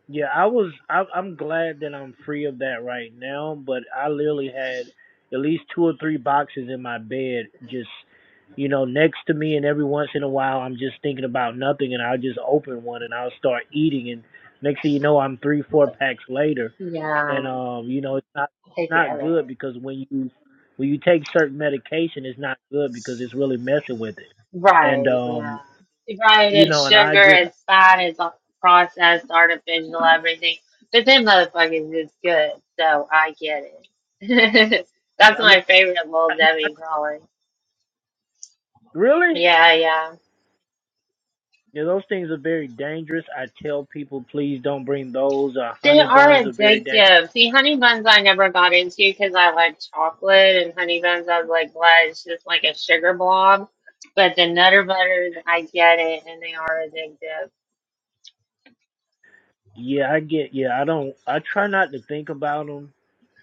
B: Yeah, I was. I, I'm glad that I'm free of that right now. But I literally had at least two or three boxes in my bed, just you know, next to me. And every once in a while, I'm just thinking about nothing, and I'll just open one and I'll start eating. And next thing you know, I'm three, four packs later,
A: liked. Yeah,
B: and um, you know, it's not
A: I
B: not
A: get it.
B: good because when you when you take certain medication, it's not good because it's really messing with it. And
A: Right,
B: um,
A: yeah. Right,
B: you
A: it's
B: know, and I
A: sugar,
B: just,
A: it's fat, it's all processed, artificial, everything. But them motherfuckers is good, so I get it. That's
B: I mean.
A: my favorite little Debbie crawling.
B: Really?
A: Yeah, yeah.
B: Yeah, those things are very dangerous. I tell people, please don't bring those. Uh,
A: They
B: honey
A: are
B: buns are very dangerous.
A: addictive. See, honey buns I never got into because I like chocolate, and honey buns I was like, well, it's just like a sugar blob. But the Nutter Butters, I get it, and they are addictive.
B: Yeah, I get. Yeah, I don't. I try not to think about them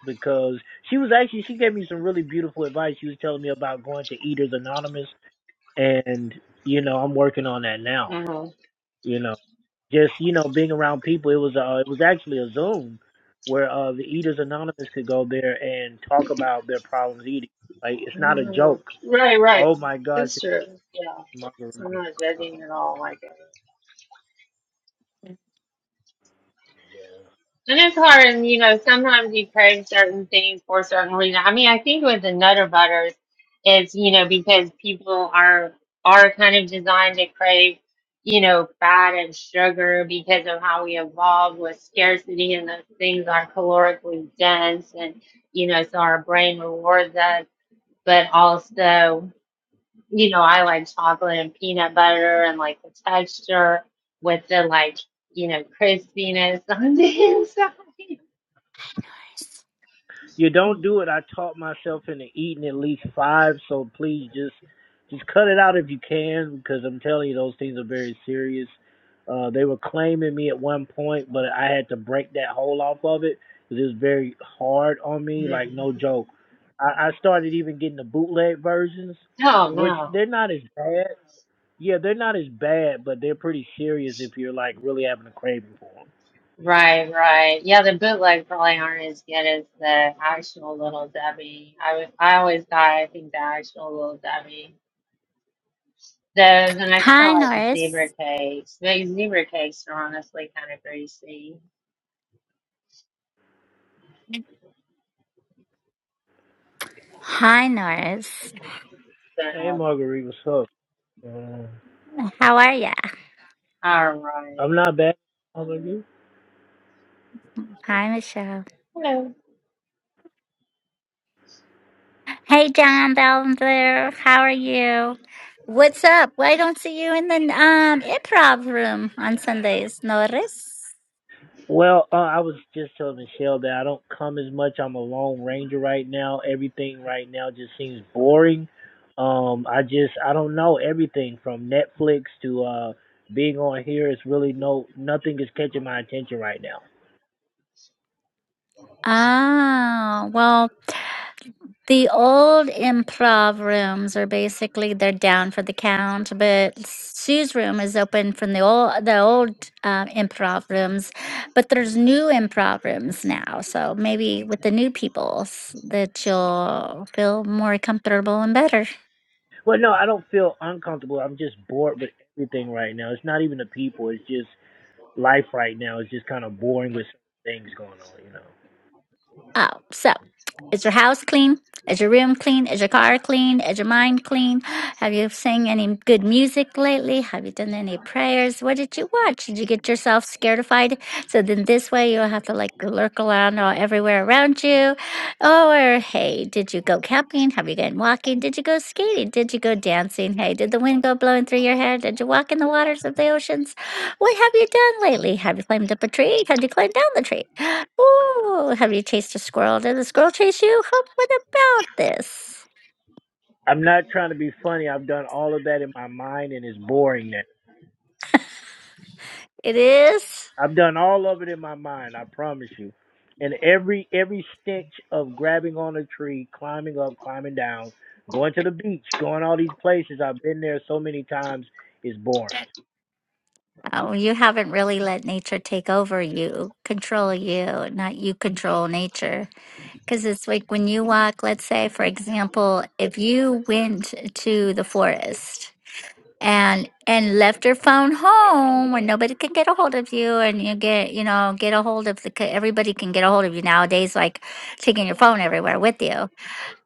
B: because she was actually she gave me some really beautiful advice. She was telling me about going to Eaters Anonymous, and you know I'm working on that now.
A: hmm
B: You know, just you know being around people. It was uh, it was actually a Zoom where uh the Eaters Anonymous could go there and talk about their problems eating. Like it's not a joke. Oh my gosh,
A: Yeah, I'm
B: margarita.
A: not
B: Oh,
A: judging at all. Like it.
B: yeah.
A: And it's hard, and you know, sometimes you crave certain things for certain reason. I mean, I think with the Nutter Butters, it's you know because people are are kind of designed to crave, you know, fat and sugar because of how we evolved with scarcity, and those things are calorically dense, and you know, so our brain rewards us. But also, you know, I like chocolate and peanut butter, and like the texture with the like you know crispiness on the inside.
C: Nice.
B: You don't do it. I taught myself into eating at least five, so please just just cut it out if you can, because I'm telling you those things are very serious. Uh, they were claiming me at one point, but I had to break that hole off of it because it was very hard on me,
A: Yeah.
B: like no joke. I, I started even getting the bootleg versions,
A: Oh
B: which
A: no.
B: they're not as bad. Yeah, they're not as bad, but they're pretty serious if you're like really having a craving for them.
A: Right, right. Yeah, the bootlegs probably aren't as good as the actual Little Debbie. I was, I always thought I think the actual Little Debbie. Those and I kind
C: Hi,
A: of like zebra
C: Norris.
A: cakes. Those zebra cakes are honestly kind of greasy.
C: Hi, Norris.
B: Hey,
A: So,
B: Marguerite, what's up? Uh,
C: How are ya?
A: all right.
B: I'm not bad. How about you?
C: Hi, Michelle. Hey, John Belvedere. How are you? What's up? Why don't see you in the um improv room on Sundays, Norris?
B: Well, uh, I was just telling Michelle that I don't come as much. I'm a lone ranger right now. Everything right now just seems boring. Um, I just I don't know everything from Netflix to uh being on here. It's really no nothing is catching my attention right now.
C: Oh, well, The old improv rooms are basically they're down for the count, but Sue's room is open from the old the old uh, improv rooms, but there's new improv rooms now. So maybe with the new people s- that you'll feel more comfortable and better.
B: Well, no, I don't feel uncomfortable. I'm just bored with everything right now. It's not even the people. It's just life right now. It's just kind of boring with things going on. You know,
C: Oh, so is your house clean? Is your room clean? Is your car clean? Is your mind clean? Have you sang any good music lately? Have you done any prayers? What did you watch? Did you get yourself scaredified? So then this way you'll have to like lurk around all everywhere around you. Or hey, did you go camping? Have you gone walking? Did you go skating? Did you go dancing? Hey, did the wind go blowing through your hair? Did you walk in the waters of the oceans? What have you done lately? Have you climbed up a tree? Have you climbed down the tree? Ooh, have you chased a squirrel? Did the squirrel chase you? Huh, What about this?
B: I'm not trying to be funny. I've done all of that in my mind, and it's boring now.
C: It is.
B: I've done all of it in my mind, I promise you. And every every stench of grabbing on a tree, climbing up, climbing down, going to the beach, going all these places, I've been there so many times, it's boring.
C: Oh, you haven't really let nature take over you, control you, not you control nature. Because it's like when you walk, let's say, for example, if you went to the forest and and left your phone home when nobody can get a hold of you and you get you know get a hold of the c- everybody can get a hold of you nowadays like taking your phone everywhere with you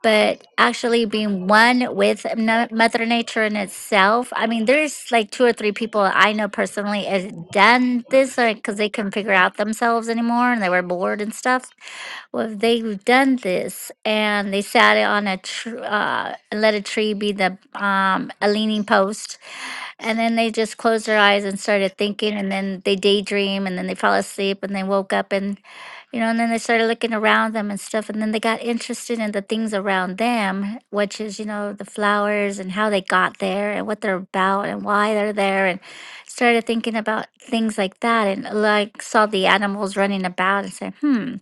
C: but actually being one with no- mother nature in itself i mean there's like two or three people i know personally has done this like because they couldn't figure out themselves anymore and they were bored and stuff well, they've done this, and they sat it on a tr- uh, and let a tree be the um, a leaning post, and then they just closed their eyes and started thinking, and then they daydream, and then they fall asleep, and they woke up, and you know, and then they started looking around them and stuff, and then they got interested in the things around them, which is you know the flowers and how they got there and what they're about and why they're there, and started thinking about things like that, and like saw the animals running about and said, hmm,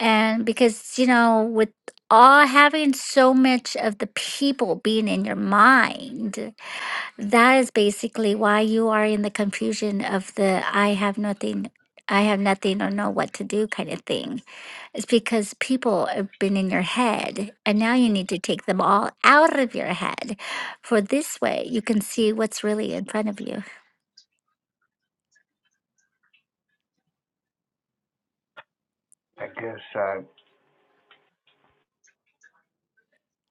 C: and because you know with all having so much of the people being in your mind that is basically why you are in the confusion of the I have nothing, I have nothing or know what to do kind of thing. It's because people have been in your head and now you need to take them all out of your head. For this way, you can see what's really in front of you.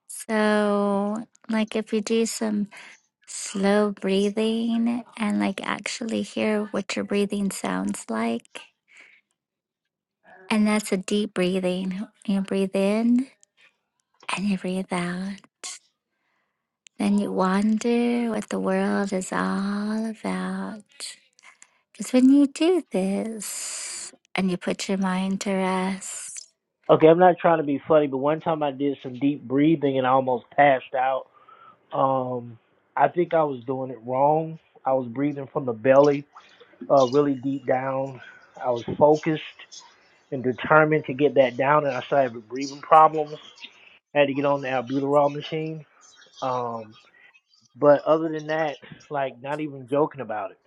C: So, like if you do some slow breathing and like actually hear what your breathing sounds like, and that's a deep breathing. You breathe in and you breathe out. Then you wonder what the world is all about. Because when you do this and you put your mind to rest,
B: Okay, I'm not trying to be funny, but one time I did some deep breathing and I almost passed out. Um I think I was doing it wrong. I was breathing from the belly, uh really deep down. I was focused and determined to get that down and I started having breathing problems had to get on the albuterol machine. Um, but other than that, like not even joking about it.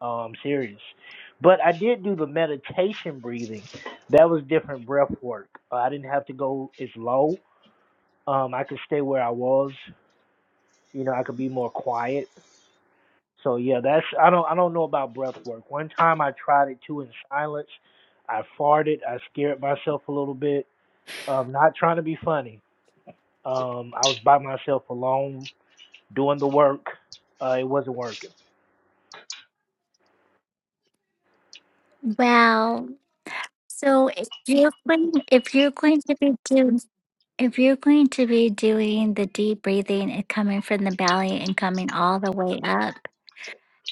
B: Um, serious. But I did do the meditation breathing. That was different breath work. Uh, I didn't have to go as low. Um, I could stay where I was. You know, I could be more quiet. So yeah, that's I don't I don't know about breath work. One time I tried it too in silence. I farted. I scared myself a little bit. Um, not trying to be funny. Um, I was by myself alone doing the work. Uh, it wasn't working.
C: well, so if you're going, if you're going to be doing, if you're going to be doing the deep breathing and coming from the belly and coming all the way up,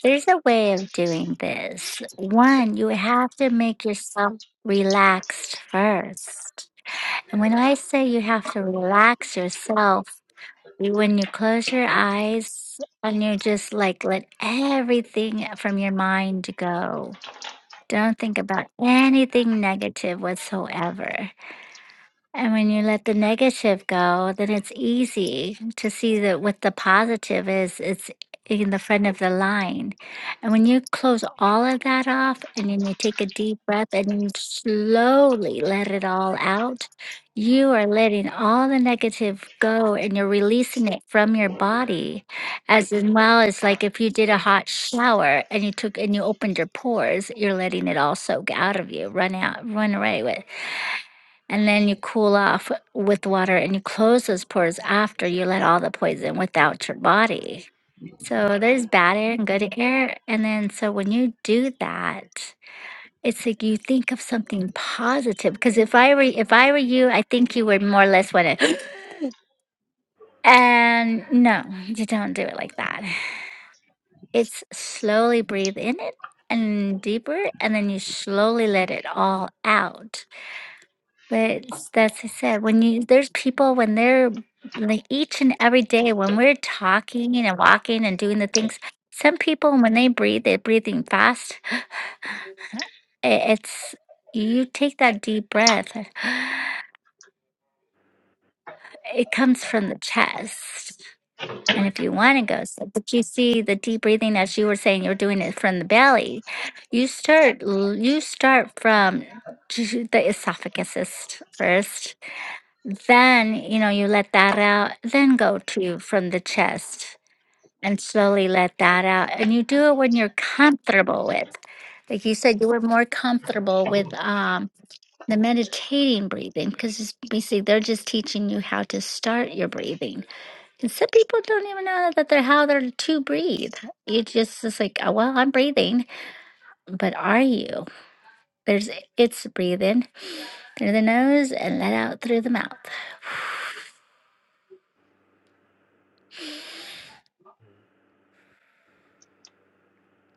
C: there's a way of doing this. One, you have to make yourself relaxed first. And when I say you have to relax yourself, When you close your eyes and you just like let everything from your mind go, don't think about anything negative whatsoever. And when you let the negative go, then it's easy to see that what the positive is, it's in the front of the line. And when you close all of that off and then you take a deep breath and you slowly let it all out, you are letting all the negative go and you're releasing it from your body. As in well as like if you did a hot shower and you took and you opened your pores, you're letting it all soak out of you, run out, run away with and then you cool off with water and you close those pores after you let all the poison without your body. So there's bad air and good air. And then, so when you do that, it's like you think of something positive. Because if I were if I were you, I think you would more or less want to. And no, you don't do it like that. It's slowly breathe in it and deeper, and then you slowly let it all out But it's that's I said, when you there's people when they're like each and every day when we're talking and walking and doing the things, some people when they breathe, they're breathing fast. I- It's you take that deep breath. It comes from the chest. And if you want to go, so, but you see the deep breathing as you were saying, you're doing it from the belly. You start, l- you start from the esophagus first Then, you know, you let that out, then go to from the chest and slowly let that out. And you do it when you're comfortable with. Like you said, you were more comfortable with um, the meditating breathing because you see, they're just teaching you how to start your breathing. And some people don't even know that they're how they're to breathe. You just it's like, oh, well, I'm breathing, but are you? There's it's breathe in through the nose and let out through the mouth.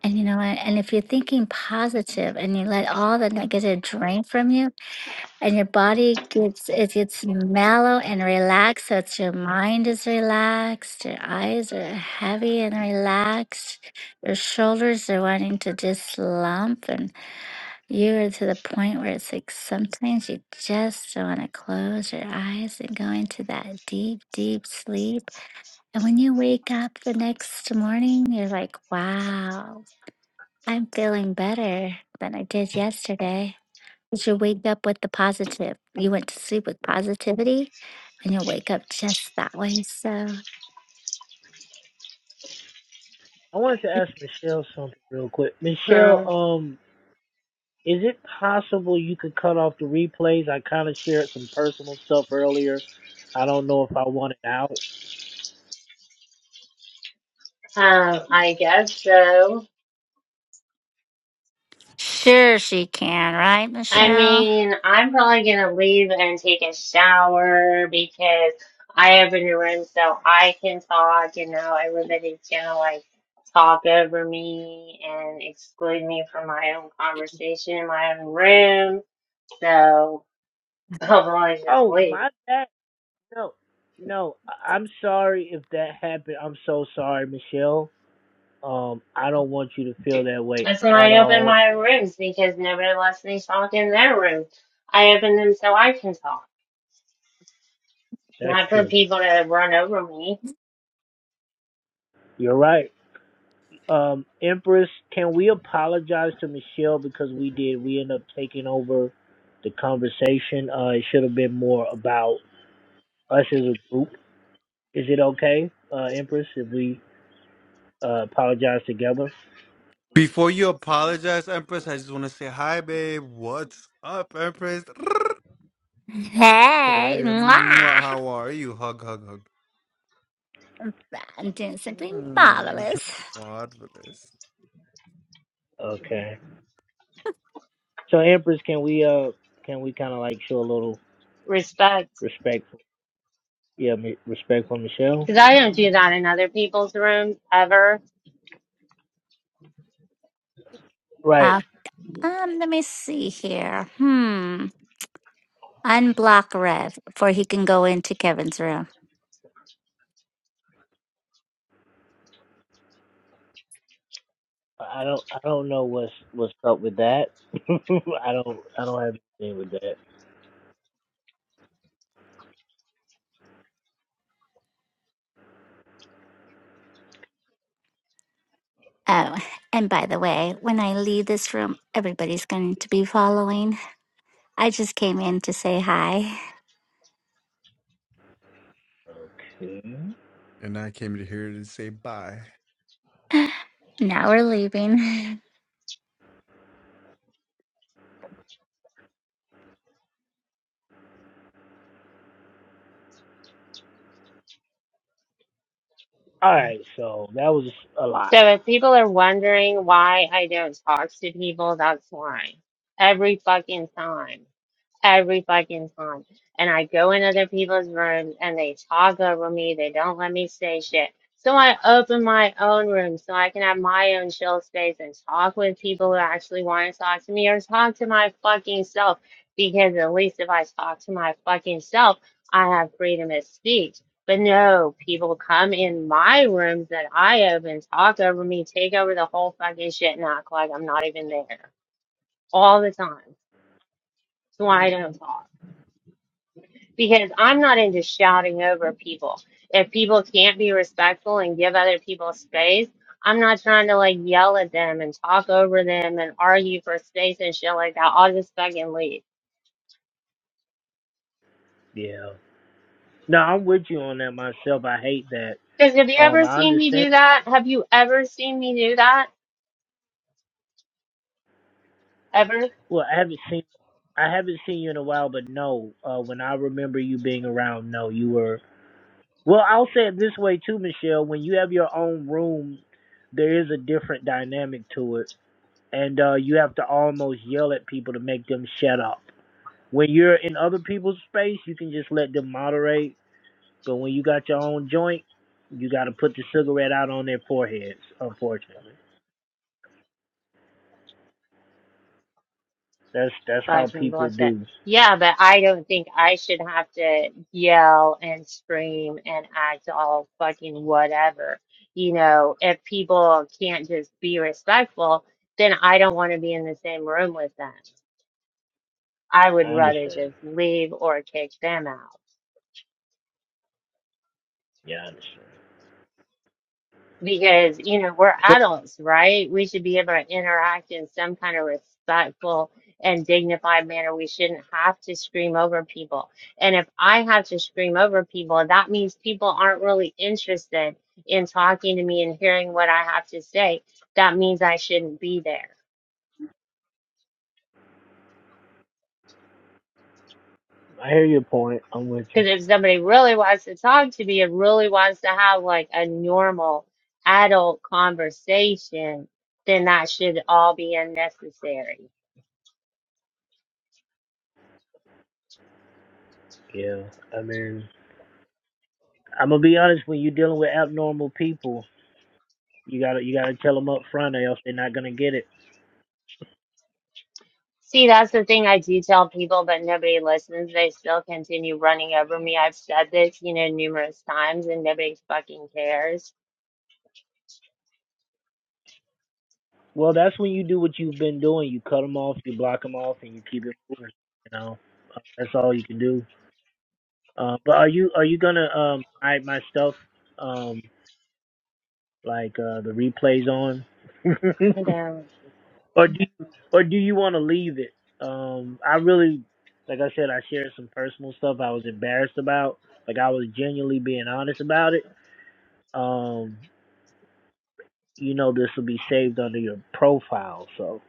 C: And you know what? And if you're thinking positive and you let all the negative drain from you, and your body gets it gets mellow and relaxed, so it's your mind is relaxed, your eyes are heavy and relaxed, your shoulders are wanting to just slump, and you are to the point where it's like sometimes you just want to close your eyes and go into that deep, deep sleep. And when you wake up the next morning, you're like, wow. I'm feeling better than I did yesterday. You should wake up with the positive. You went to sleep with positivity and you'll wake up just that way. So,
B: I wanted to ask Michelle something real quick. Michelle,
A: Hmm.
B: um, is it possible you could cut off the replays? I kind of shared some personal stuff earlier. I don't know if I want it out.
A: Um, I guess so.
C: Sure, she can, right,
A: I
C: Michelle?
A: mean, I'm probably gonna leave and take a shower because I have a new room so I can talk, you know, everybody's gonna like talk over me and exclude me from my own conversation in my own room. So I'll probably just
B: Oh,
A: leave.
B: my bad. No, no. I- I'm sorry if that happened. I'm so sorry, Michelle. Um, I don't want you to feel that way
A: That's when
B: at
A: I open
B: all.
A: my rooms because nobody lets me talk in their rooms. I open them so I can talk,
B: That's
A: not for
B: true.
A: people to run over me.
B: You're right. Um, Empress, can we apologize to Michelle because we did? We end up taking over the conversation. Uh, it should have been more about us as a group. Is it okay, uh, Empress, if we uh, apologize together?
D: Before you apologize, Empress, I just want to say hi, babe. What's up, Empress?
C: hey,
D: Hey, mwah,
C: mwah!
D: how are you? Hug, hug, hug.
C: I'm doing something
D: Mm,
C: marvelous.
D: Marvelous.
B: Okay. So, Empress, can we uh, can we kind of like show a little
A: Respect.
B: respect? For, yeah, mi- respect for Michelle.
A: because I don't do that in other people's rooms ever.
B: Right.
C: Uh, um, let me see here. Hmm. Unblock Rev before he can go into Kevin's room.
B: I don't I don't know what's what's up with that. I don't I don't have anything with that.
C: Oh, and by the way, when I leave this room, everybody's going to be following. I just came in to say hi.
B: Okay.
D: And I came to here to say bye.
C: Now we're leaving.
B: All right, so that was a lot.
A: So if people are wondering why I don't talk to people, that's why. Every fucking time. every fucking time. And I go in other people's rooms and they talk over me. They don't let me say shit. So I open my own room so I can have my own chill space and talk with people who actually want to talk to me or talk to my fucking self. Because at least if I talk to my fucking self, I have freedom of speech. But no, people come in my rooms that I open, talk over me, take over the whole fucking shit, and act like I'm not even there all the time. So I don't talk because I'm not into shouting over people. If people can't be respectful and give other people space, I'm not trying to like yell at them and talk over them and argue for space and shit like that. I'll just fucking leave.
B: Yeah. No, I'm with you on that myself. I hate that.
A: Because have you
B: Um,
A: ever
B: I
A: seen me
B: understand.
A: do that? Have you ever seen me do that? Ever?
B: Well, I haven't seen, I haven't seen you in a while, but no. Uh, when I remember you being around, no, you were. Well, I'll say it this way too, Michelle. When you have your own room, there is a different dynamic to it, and uh, you have to almost yell at people to make them shut up. When you're in other people's space, you can just let them moderate But when you got your own joint, you got to put the cigarette out on their foreheads. Unfortunately, that's that's how
A: Fudging
B: people
A: bullshit.
B: do.
A: Yeah, but I don't think I should have to yell and scream and act all fucking whatever. You know, if people can't just be respectful, then I don't want to be in the same room with them. I would
B: I
A: rather
B: understand.
A: just leave or kick them out.
B: Yeah, I understand.
A: because you know we're
B: So
A: adults right we should be able to interact in some kind of respectful and dignified manner we shouldn't have to scream over people and if i have to scream over people that means people aren't really interested in talking to me and hearing what i have to say that means i shouldn't be there
B: I hear your point. I'm with you.
A: because if somebody really wants to talk to me and really wants to have like a normal adult conversation then that should all be unnecessary
B: Yeah, I mean, I'm gonna be honest. When you're dealing with abnormal people, you gotta you gotta tell them up front, or else they're not gonna get it.
A: See, that's the thing I do tell people, but nobody listens. They still continue running over me. I've said this, you know, numerous times, and nobody fucking cares.
B: Well, that's when you do what you've been doing. You cut them off, you block them off, and you keep it moving. You know, that's all you can do. Uh, but are you are you gonna um, hide my stuff? Um, Like uh, the replays on,
A: I don't,
B: or do you, or do you want to leave it? Um, I really, like I said, I shared some personal stuff I was embarrassed about. Like I was genuinely being honest about it. Um, you know, this will be saved under your profile. So,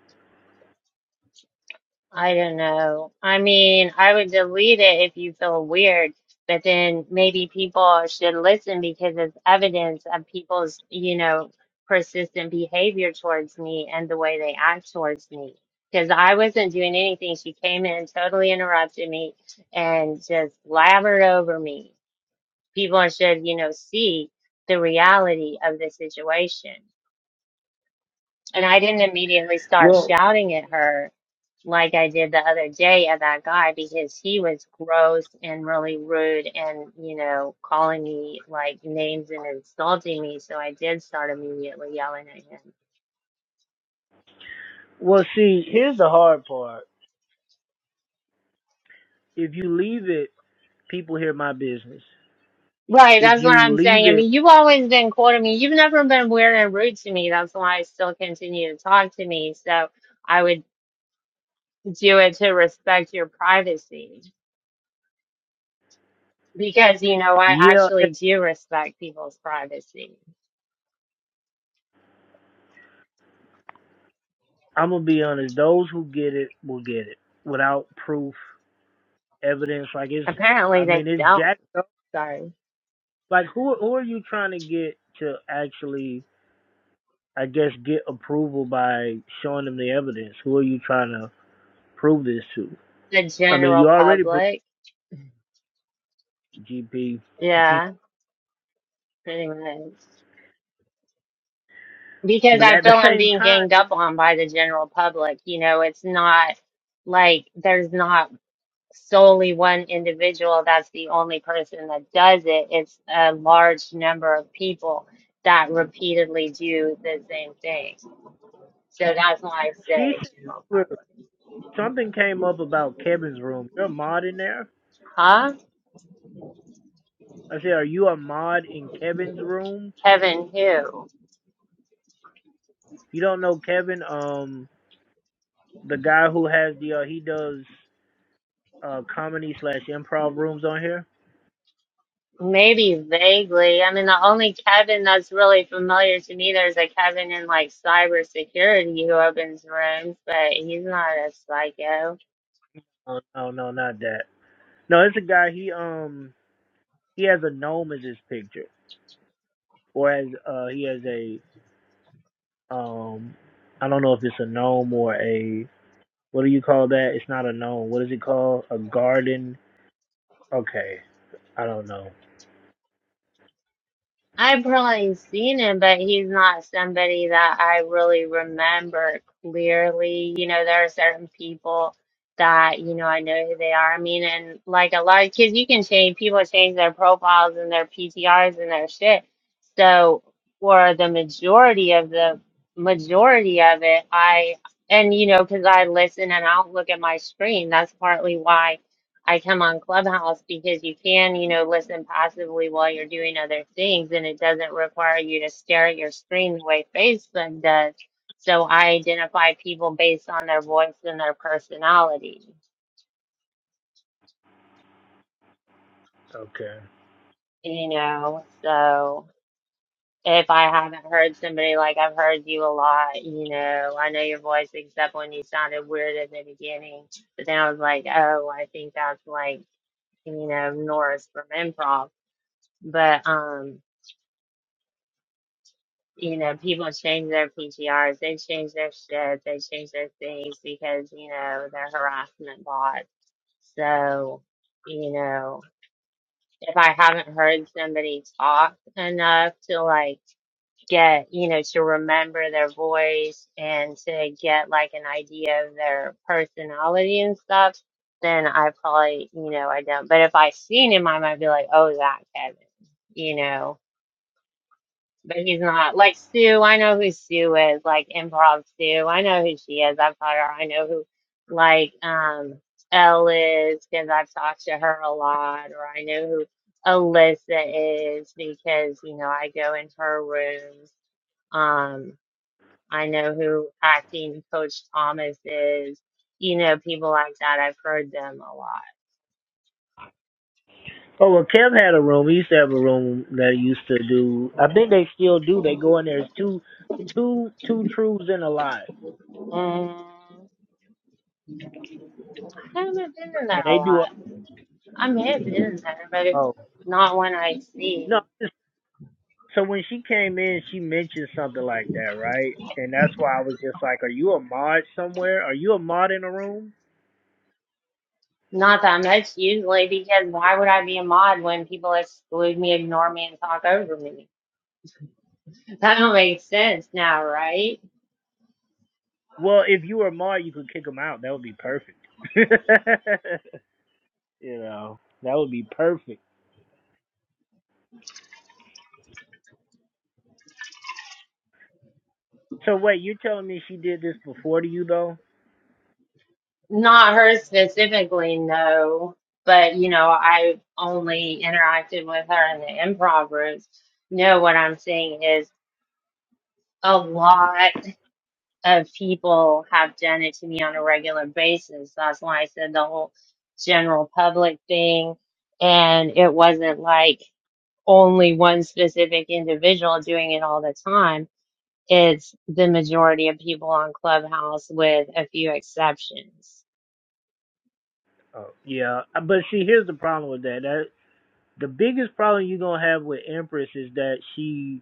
A: I don't know. I mean, I would delete it if you feel weird, but then maybe people should listen because it's evidence of people's, you know, persistent behavior towards me and the way they act towards me. Because I wasn't doing anything. She came in, totally interrupted me, and just blabbered over me. people should, you know, see the reality of the situation. And I didn't immediately start
B: well,
A: shouting at her like I did the other day at that guy because he was gross and really rude and, you know, calling me like names and insulting me. So I did start immediately yelling at him.
B: well, see, here's the hard part. If you leave it, people hear my business.
A: Right,
B: If
A: that's what
B: you
A: I'm
B: leave
A: saying. I
B: it,
A: mean, you've always been cool to me. You've never been weird and rude to me. That's why I still continue to talk to me. So I would do it to respect your privacy. Because, you know, I
B: yeah,
A: actually do respect people's privacy.
B: I'm gonna be honest. Those who get it will get it without proof. evidence. Like it's,
A: Apparently
B: I
A: they
B: mean, it's
A: don't.
B: jacked up.
A: Sorry.
B: Like who who are you trying to get to actually, I guess, get approval by showing them the evidence? Who are you trying to prove this to?
A: The
B: I mean, you
A: general
B: already proved
A: public.
B: GP,
A: Yeah, pretty much. Because
B: but
A: I
B: at the
A: feel I'm
B: same
A: being
B: time,
A: ganged up on by the general public. You know, it's not like there's not solely one individual that's the only person that does it. It's a large number of people that repeatedly do the same thing. So that's why I
B: she
A: say
B: said
A: general
B: well,
A: public.
B: something came up about Kevin's room. You're a mod in there.
A: Huh?
B: I said, are you a mod in Kevin's room?
A: Kevin who?
B: You don't know Kevin, um, the guy who has the uh, he does uh comedy slash improv rooms on here.
A: Maybe vaguely. I mean, the only cabin that's really familiar to me, there's a cabin in like cybersecurity who opens rooms, but he's not a psycho.
B: Oh no, no, not that. No, it's a guy. He um he has a gnome as his picture, or as uh he has a um I don't know if it's a gnome or a what do you call that? It's not a gnome. What is it called? A garden? Okay, I don't know.
A: I've probably seen him, but he's not somebody that I really remember clearly. You know, there are certain people that, you know, I know who they are. I mean, and like a lot of kids, you can change, people change their profiles and their PTRs and their shit. So for the majority of the majority of it, I, and you know, because I listen and I don't look at my screen. That's partly why. I come on Clubhouse because you can, you know, listen passively while you're doing other things, and it doesn't require you to stare at your screen the way Facebook does. So I identify people based on their voice and their personality,
B: Okay.
A: you know. So if I haven't heard somebody like I've heard you a lot, you know, I know your voice except when you sounded weird at the beginning. But then I was like, oh, I think that's like, you know, Norris from improv but um you know, people change their PTRs, they change their shit, they change their things because, you know, they're harassment bots. So, you know, if I haven't heard somebody talk enough to like get, you know, to remember their voice and to get like an idea of their personality and stuff, then I probably, you know, I don't. But if I seen him, I might be like, oh, that Kevin, you know but he's not like Sue. I know who Sue is, like improv Sue. I know who she is. I've taught her. I know who like um Elle is because I've talked to her a lot, or I know who Alyssa is because you know I go into her rooms. Um, I know who acting coach Thomas is. You know, people like that. I've heard them a lot.
B: Oh well, Kev had a room. He used to have a room that he used to do. I think they still do. They go in there. It's two, two, two truths and a lie,
A: Mm, I haven't been in
B: and
A: there a
B: they do. A,
A: lot. I may have been in there, but it's
B: oh
A: not one I see.
B: no, So when she came in, she mentioned something like that, right? And that's why I was just like, "Are you a mod somewhere? Are you a mod in a room?"
A: Not that much, usually, because why would I be a mod when people exclude me, ignore me, and talk over me? That don't make sense now, right?
B: Well, if you were a mod, you could kick them out. That would be perfect. you know, that would be perfect. So wait, you're telling me she did this before to you though?
A: Not her specifically, no. But, you know, I only interacted with her in the improv groups. No, what I'm saying is a lot of people have done it to me on a regular basis. That's why I said the whole general public thing. And it wasn't like only one specific individual doing it all the time. It's the majority of people on Clubhouse with a few exceptions.
B: Oh yeah, but see, here's the problem with that. That the biggest problem you're gonna have with Empress is that she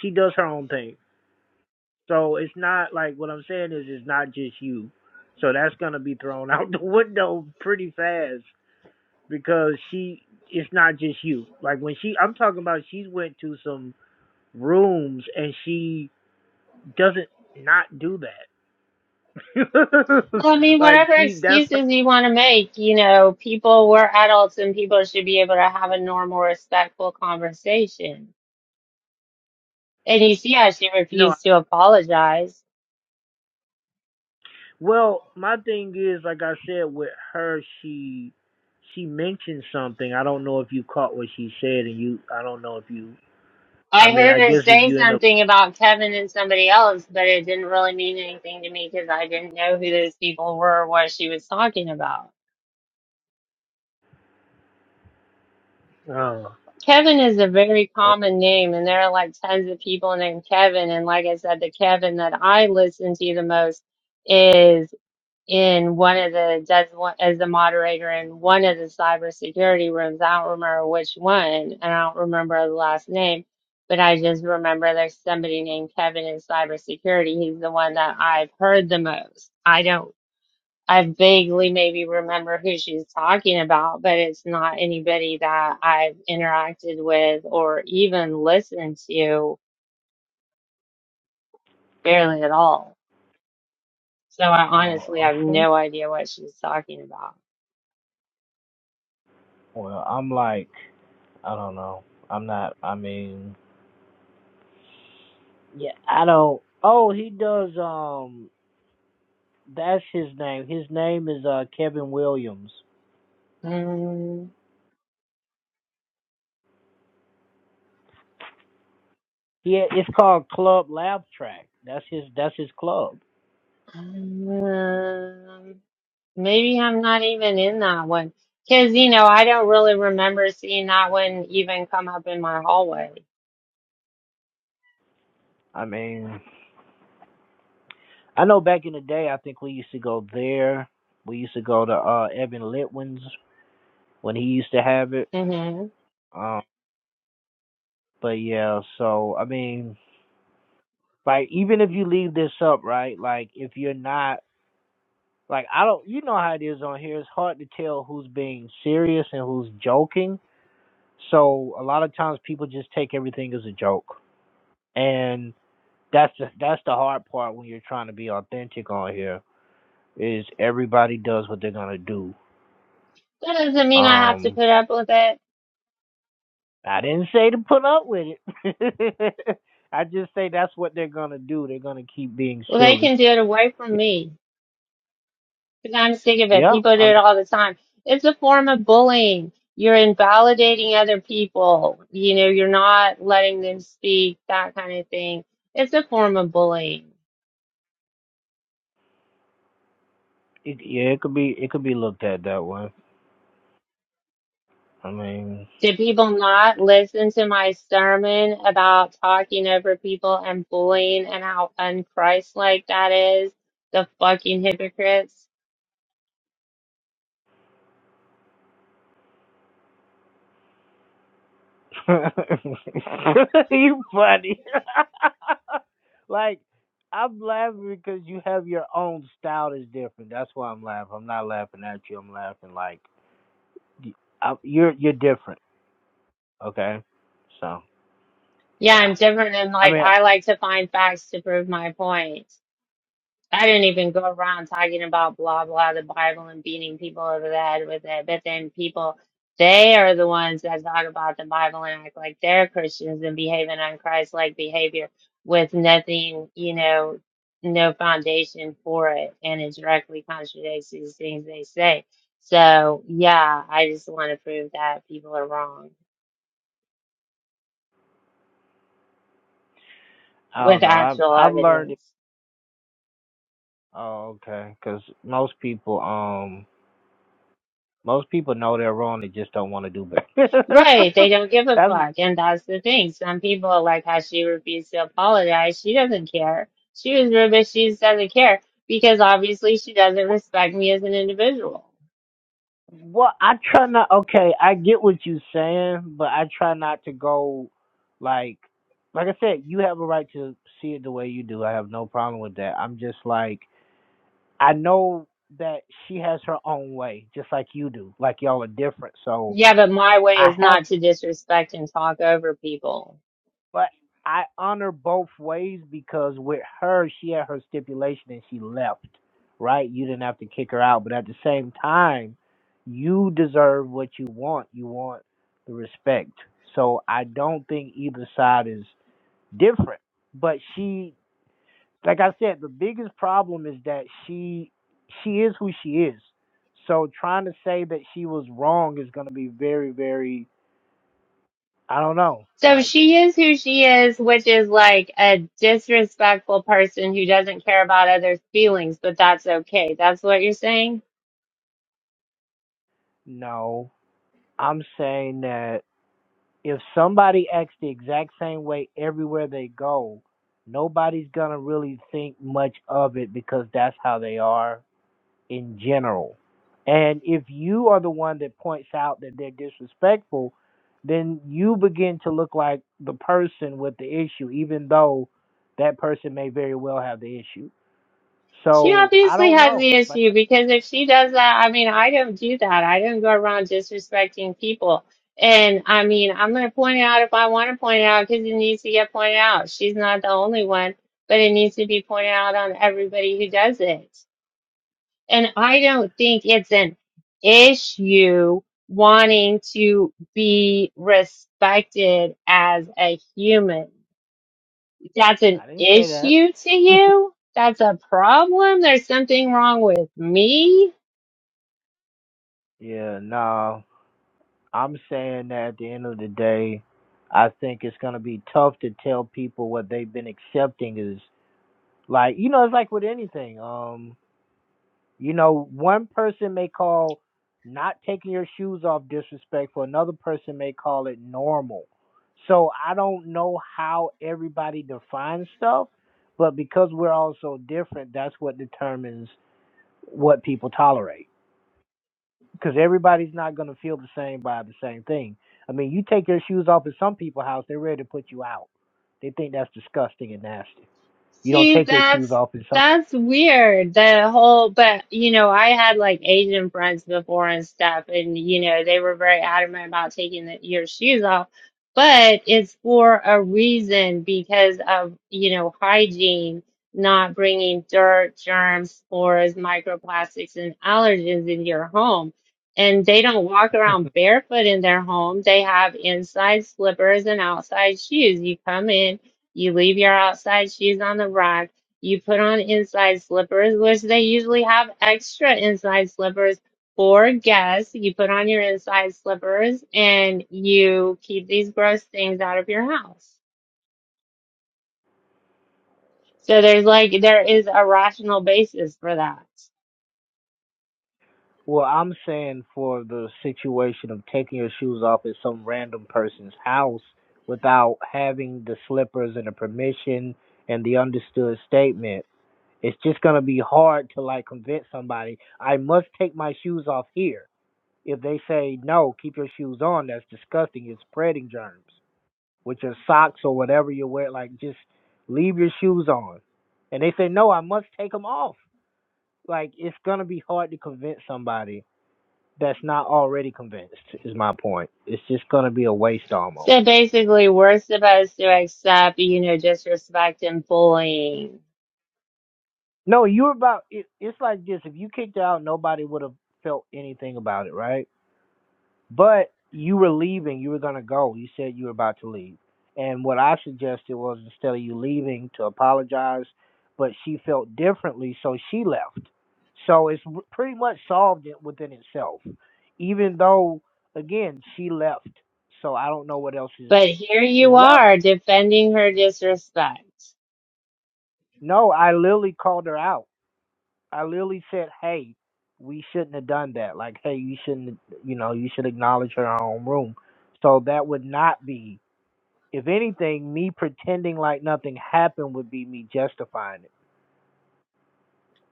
B: she does her own thing. So it's not like what I'm saying is it's not just you. So that's gonna be thrown out the window pretty fast because she it's not just you. Like when she I'm talking about she went to some rooms and she doesn't not do that.
A: Well, I mean,
B: like
A: whatever
B: she that's her
A: excuses you want to make, you know, people, we're adults and people should be able to have a normal, respectful conversation. And you see how she
B: no
A: refused to apologize.
B: well my thing is like I said with her she she mentioned something. I don't know if you caught what she said and you I don't know if you I
A: I
B: mean
A: heard
B: I
A: her
B: guess if
A: say
B: you end up
A: something about Kevin and somebody else, but it didn't really mean anything to me because I didn't know who those people were or what she was talking about.
B: oh
A: Kevin is a very common name, and there are like tons of people named Kevin. And like I said, the Kevin that I listen to the most is in one of the does one as the moderator in one of the cybersecurity rooms. I don't remember which one, and I don't remember the last name, but I just remember there's somebody named Kevin in cybersecurity. He's the one that I've heard the most. I don't I vaguely maybe remember who she's talking about, but it's not anybody that I've interacted with or even listened to barely at all. So I honestly
B: Oh,
A: have
B: okay.
A: no idea what she's talking about.
B: Well, I'm like, I don't know. I'm not. I mean, yeah, I don't. Oh, he does. Um, that's his name. His name is uh Kevin Williams.
A: Um,
B: He it's called Club Laugh Track. That's his. That's his club.
A: um, maybe I'm not even in that one. Because, you know, I don't really remember seeing that one even come up in my hallway.
B: I mean, I know back in the day, I think we used to go there. We used to go to uh Evan Litwin's when he used to have it.
A: hmm
B: Um, but yeah. So I mean, like even if you leave this up, right? Like if you're not Like I don't, you know how it is on here. It's hard to tell who's being serious and who's joking. So a lot of times people just take everything as a joke, and that's the, that's the hard part when you're trying to be authentic on here. Is everybody does what they're gonna do.
A: That doesn't mean I have to
B: Um,
A: put up with it.
B: I didn't say to put up with it. I just say that's what they're gonna do. They're gonna keep being
A: Well, they
B: silly.
A: can do it away from me. Because I'm sick of it.
B: Yeah,
A: People do
B: I mean,
A: it all the time. It's a form of bullying. You're invalidating other people. You know, you're not letting them speak, that kind of thing. It's a form of bullying.
B: it, yeah, it could be it could be looked at that way. I mean.
A: Did people not listen to my sermon about talking over people and bullying and how unchristlike that is? The fucking hypocrites.
B: you funny. like I'm laughing because you have your own style that's different. That's why I'm laughing. I'm not laughing at you. I'm laughing like y- I, you're you're different. Okay, so
A: Yeah,
B: yeah.
A: I'm different and
B: I
A: like
B: mean,
A: I like to find facts to prove my point. I didn't even go around talking about blah blah the Bible and beating people over the head with it. But then people, they are the ones that talk about the Bible and act like they're Christians and behaving on Christ-like behavior with nothing, you know, no foundation for it, and it directly contradicts these things they say. So yeah, I just want to prove that people are wrong
B: I don't
A: with
B: know. I've
A: actual
B: I've learned it.
A: evidence.
B: Oh, okay. Because most people um most people know they're wrong. They just don't want to do better.
A: Right, they don't give a
B: that's
A: fuck, and that's the thing. Some people like how she refused to apologize. She doesn't care. She was rude, but she just doesn't care because obviously she doesn't respect me as an individual.
B: Well, I try not. Okay, I get what you're saying, but I try not to go like, like I said, you have a right to see it the way you do. I have no problem with that. I'm just like, I know that she has her own way, just like you do. Like y'all are different, so
A: Yeah, but my way
B: I
A: is
B: have
A: not to disrespect and talk over people.
B: But I honor both ways because with her, she had her stipulation and she left, right? You didn't have to kick her out. But at the same time, you deserve what you want. You want the respect. So I don't think either side is different. But she, like I said, the biggest problem is that she she is who she is. So trying to say that she was wrong is going to be very, very, I don't know.
A: So
B: Like,
A: she is who she is, which is like a disrespectful person who doesn't care about others' feelings, but that's okay. That's what you're saying?
B: no, I'm saying that if somebody acts the exact same way everywhere they go, nobody's gonna really think much of it because that's how they are in general. And if you are the one that points out that they're disrespectful, then you begin to look like the person with the issue, even though that person may very well have the issue.
A: She
B: So I
A: obviously
B: don't
A: has
B: know.
A: the
B: Like
A: issue because if she does that, I mean, I don't do that. I don't go around disrespecting people. And I mean, I'm going to point it out if I want to point it out because it needs to get pointed out. She's not the only one, but it needs to be pointed out on everybody who does it. And I don't think it's an issue wanting to be respected as a human. That's an
B: I didn't say that.
A: issue to you? That's a problem? There's something wrong with me?
B: yeah, no. I'm saying that at the end of the day, I think it's gonna be tough to tell people what they've been accepting is like you know, it's like with anything. Um, you know, one person may call not taking your shoes off disrespectful, another person may call it normal. So I don't know how everybody defines stuff, but because we're all so different, that's what determines what people tolerate because everybody's not going to feel the same by the same thing. I mean, you take your shoes off at some people's house, they're ready to put you out. They think that's disgusting and nasty. You don't
A: See,
B: take your shoes
A: that's
B: off in some.
A: that's weird. The whole, but you know, I had like Asian friends before and stuff, and you know, they were very adamant about taking the, your shoes off. But it's for a reason because of, you know, hygiene, not bringing dirt, germs, spores, microplastics, and allergens into your home. And they don't walk around barefoot in their home. They have inside slippers and outside shoes. You come in. You leave your outside shoes on the rack. You put on inside slippers, which they usually have extra inside slippers for guests. You put on your inside slippers and you keep these gross things out of your house. So there's like, there is a rational basis for that.
B: Well, I'm saying for the situation of taking your shoes off at some random person's house without having the slippers and the permission and the understood statement, it's just going to be hard to like convince somebody I must take my shoes off here If they say, no, keep your shoes on, that's disgusting. You're spreading germs with your socks or whatever you wear. Like, just leave your shoes on. And they say, no, I must take them off. Like, it's going to be hard to convince somebody that's not already convinced, is my point. It's just going to be a waste almost.
A: So basically, we're supposed to accept, you know, disrespect and bullying.
B: No, you're about, it, it's like this. If you kicked out, nobody would have felt anything about it, right? But you were leaving, you were gonna go. You said you were about to leave. And what I suggested was instead of you leaving to apologize, but she felt differently, so she left. So it's r- pretty much solved it within itself. Even though again, she left. So I don't know what else is
A: But here
B: is
A: you
B: left.
A: are defending her disrespect.
B: No, I literally called her out. I literally said, "Hey, we shouldn't have done that. Like, hey, you shouldn't, you know, you should acknowledge her in her own room." So that would not be If anything, me pretending like nothing happened would be me justifying it.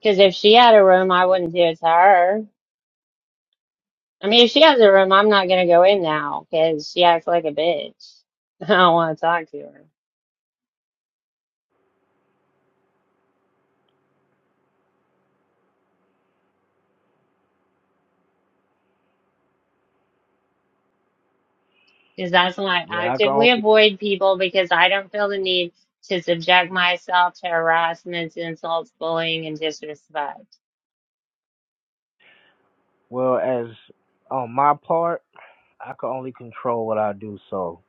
A: Because if she had a room, I wouldn't do it to her. I mean, if she has a room, I'm not gonna go in now because she acts like a bitch. I don't want to talk to her because that's why I
B: Yeah, I can
A: actively
B: only
A: avoid people because I don't feel the need to subject myself to harassment, insults, bullying, and disrespect.
B: well as on my part, I can only control what I do, so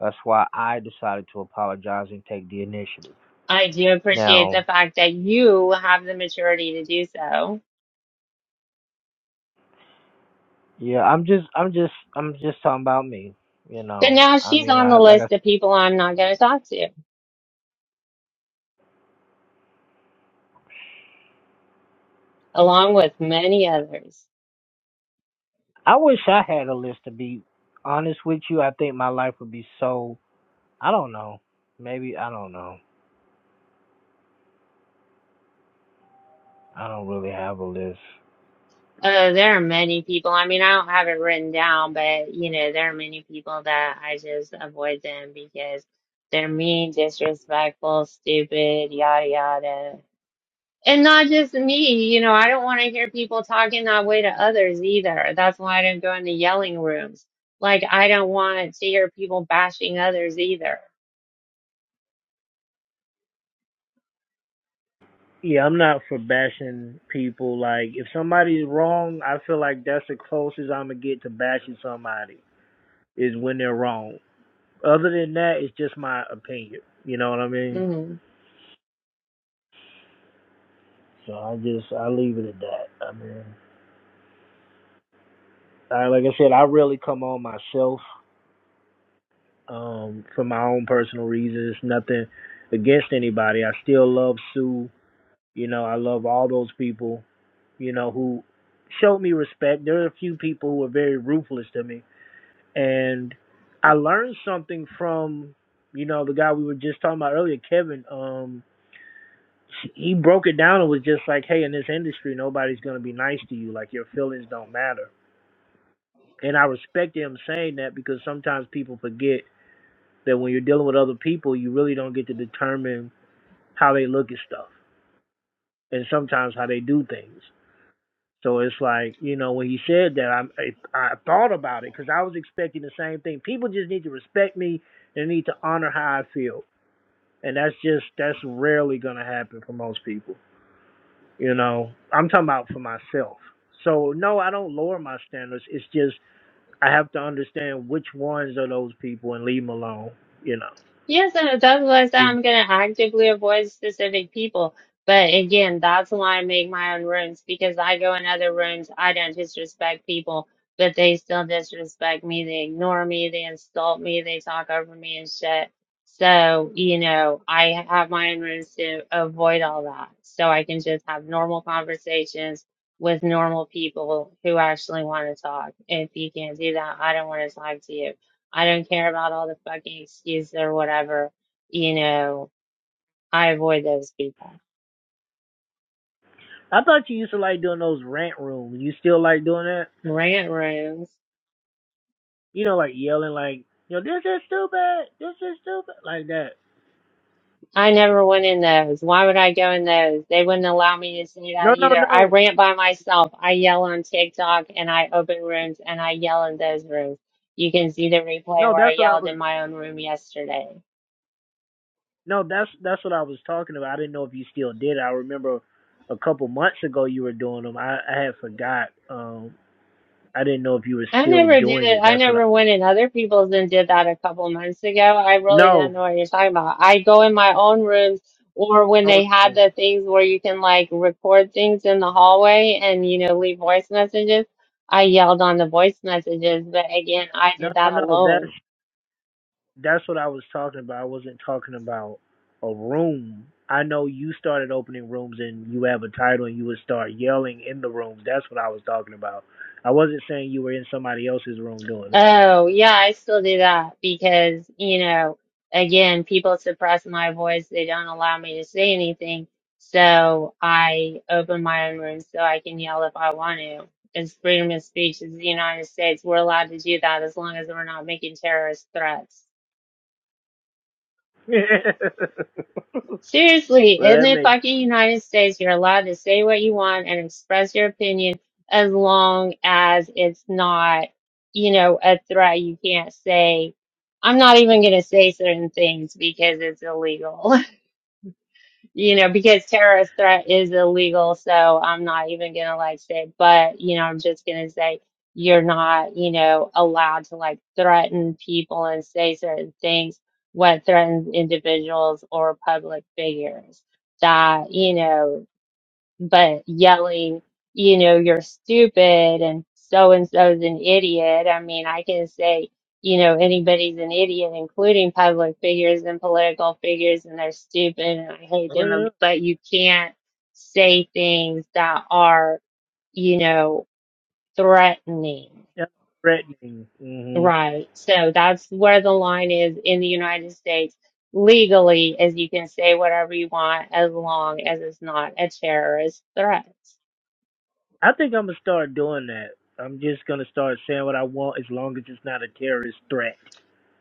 B: that's why I decided to apologize and take the initiative.
A: I do appreciate
B: Now,
A: the fact that you have the maturity to do so.
B: yeah, I'm just I'm just I'm just talking about me, you know.
A: But now
B: I
A: she's
B: mean,
A: on
B: I
A: the
B: like I
A: list of people I'm not going to talk to, along with many others.
B: I wish I had a list to be honest with you. I think my life would be so I don't know. Maybe I don't know. I don't really have a list.
A: Uh, there are many people. I mean, I don't have it written down, but you know, there are many people that I just avoid them because they're mean, disrespectful, stupid, yada yada. And not just me, you know, I don't want to hear people talking that way to others either. That's why I don't go into yelling rooms. Like, I don't want to hear people bashing others either.
B: Yeah, I'm not for bashing people. Like, if somebody's wrong, I feel like that's the closest I'm gonna get to bashing somebody is when they're wrong. Other than that, it's just my opinion. You know what I mean?
A: Mm-hmm.
B: So I just I leave it at that. I mean, I, like I said, I really come on myself um, for my own personal reasons. Nothing against anybody. I still love Sue. You know, I love all those people. You know who showed me respect. There are a few people who are very ruthless to me and I learned something from you know the guy we were just talking about earlier, Kevin. Um, he broke it down and was just like, "Hey, in this industry, nobody's gonna be nice to you. Like your feelings don't matter." And I respect him saying that because sometimes people forget that when you're dealing with other people, you really don't get to determine how they look at stuff and sometimes how they do things. So it's like you know when he said that, I I, thought about it because I was expecting the same thing. People just need to respect me. They need to honor how I feel and that's just that's rarely gonna happen for most people. You know, I'm talking about for myself. So no, I don't lower my standards. It's just I have to understand which ones are those people and leave them alone. You know,
A: Yes, and that's why I said
B: just
A: I'm going to actively avoid specific people. But again, that's why I make my own rooms because I go in other rooms. I don't disrespect people, but they still disrespect me. They ignore me. They insult me. They talk over me and shit. So, you know, I have my own rooms to avoid all that. So I can just have normal conversations with normal people who actually want to talk. If you can't do that, I don't want to talk to you. I don't care about all the fucking excuses or whatever. You know, I avoid those people.
B: I thought you used to like doing those rant rooms. You still like doing that?
A: Rant rooms.
B: You know, like yelling like, you know, this is stupid, this is stupid, like that.
A: I never went in those. Why would I go in those? They wouldn't allow me to say
B: No,
A: that
B: no,
A: either. I
B: no,
A: rant by myself. I yell on TikTok and I open rooms and I yell in those rooms. You can see the replay
B: no.
A: where I
B: That's what I
A: yelled
B: was
A: in my own room yesterday.
B: No, that's that's what I was talking about. I didn't know if you still did. I remember a couple months ago you were doing them. I, I had forgot. Um, I didn't know if you were
A: I
B: still
A: never did
B: doing
A: it.
B: it.
A: I
B: That's what I.
A: never went in other people's and did that a couple months ago. I really don't
B: No,
A: know what you're talking about. I go in my own rooms or when
B: hold
A: they had
B: on.
A: the things where you can like record things in the hallway and, you know, leave voice messages. I yelled on the voice messages, but again, I
B: No,
A: did
B: no,
A: that
B: no.
A: alone.
B: That's that's what I was talking about. I wasn't talking about a room. I know you started opening rooms and you have a title and you would start yelling in the rooms. That's what I was talking about. I wasn't saying you were in somebody else's room doing it.
A: Oh, yeah, I still do that because, you know, again, people suppress my voice. They don't allow me to say anything. So I open my own room so I can yell if I want to. It's freedom of speech. It's the United States. We're allowed to do that as long as we're not making terrorist threats.
B: well,
A: Seriously, in
B: that
A: the
B: makes.
A: fucking United States, you're allowed to say what you want and express your opinion as long as it's not, you know, a threat. You can't say, I'm not even going to say certain things because it's illegal. you know, because terrorist threat is illegal, so I'm not even gonna like say, but you know, I'm just gonna say you're not, you know, allowed to like threaten people and say certain things what threatens individuals or public figures. That, you know, but yelling, you know, you're stupid and so and so's an idiot. I mean, I can say, you know, anybody's an idiot, including public figures and political figures, and they're stupid and I hate
B: oh,
A: them.
B: yeah.
A: and- But you can't say things that are, you know, threatening,
B: That's threatening. hmm
A: right? So that's where the line is in the United States. Legally, as you can say whatever you want as long as it's not a terrorist threat.
B: I think I'm gonna start doing that. I'm just gonna start saying what I want as long as it's not a terrorist threat.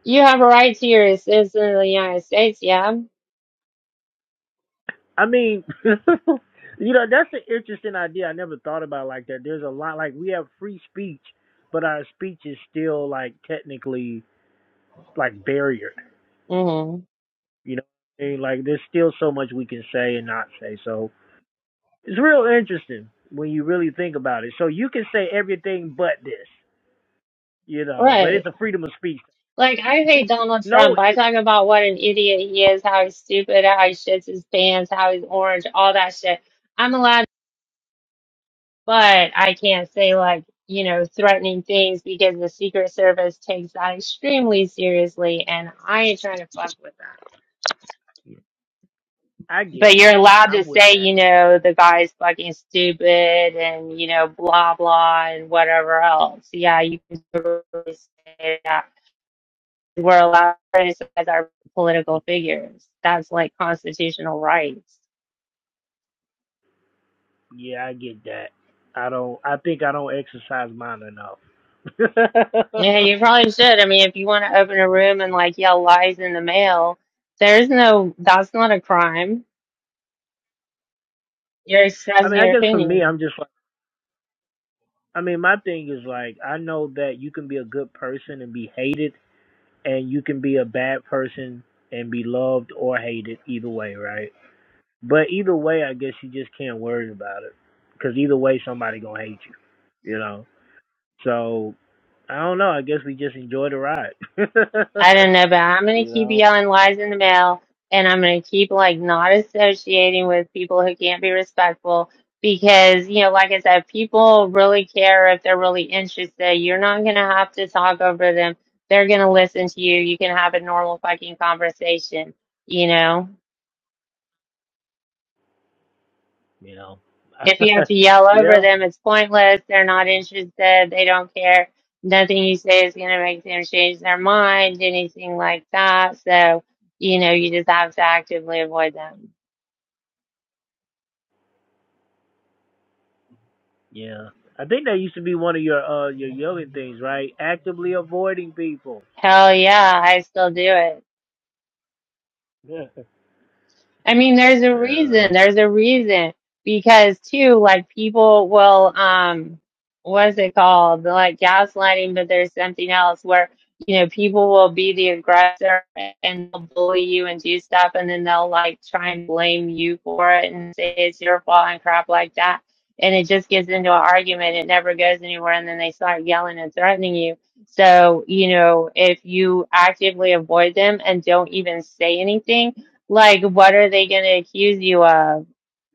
A: You have a right to your it's in the United States, yeah?
B: I mean, you know, that's an interesting idea. I never thought about it like that. There's a lot like we have free speech, but our speech is still like technically like barriered.
A: hmm
B: You know, what I mean, like there's still so much we can say and not say. So it's real interesting when you really think about it. So you can say everything but this, you know, but it's
A: Right.
B: a freedom of speech.
A: Like, I hate Donald
B: no,
A: Trump. I talk about what an idiot he is, how he's stupid, how he shits his pants, how he's orange, all that shit. I'm allowed, but I can't say, like, you know, threatening things because the Secret Service takes that extremely seriously, and I ain't trying to fuck with them.
B: I get
A: But
B: it.
A: you're allowed to
B: I'm with
A: say,
B: that.
A: you know, the guy's fucking stupid and, you know, blah, blah, and whatever else. Yeah, you can totally say that. We're allowed to criticize our political figures. That's like constitutional rights.
B: Yeah, I get that. I don't. I think I don't exercise mine enough.
A: Yeah, you probably should. I mean, if you want to open a room and like yell lies in the mail, there's no, that's not a crime. You're
B: I
A: expressing
B: mean, I
A: your
B: guess for me,
A: opinion.
B: I'm just like. I mean, my thing is like I know that you can be a good person and be hated, and you can be a bad person and be loved or hated either way, right? But either way, I guess you just can't worry about it because either way, somebody gonna hate you, you know. So I don't know. I guess we just enjoy the ride,
A: I don't know, but I'm gonna
B: you
A: keep
B: know.
A: yelling lies in the mail, and I'm gonna keep like not associating with people who can't be respectful because you know, like I said, people really care if they're really interested. You're not gonna have to talk over them. They're gonna listen to you. You can have a normal fucking conversation, you know?
B: You know.
A: If you have to yell over
B: yeah.
A: them, it's pointless. They're not interested. They don't care. Nothing you say is going to make them change their mind, anything like that. So, you know, you just have to actively avoid them.
B: Yeah. I think that used to be one of your uh your yoga things, right? Actively avoiding people.
A: Hell yeah, I still do it.
B: Yeah.
A: I mean, there's a reason.
B: Yeah.
A: There's a reason because too, like people will, um, what is it called? They're Like gaslighting, but there's something else where, you know, people will be the aggressor and they'll bully you and do stuff and then they'll like try and blame you for it and say it's your fault and crap like that. And it just gets into an argument. It never goes anywhere. And then they start yelling and threatening you. So, you know, if you actively avoid them and don't even say anything, like, what are they going to accuse you of?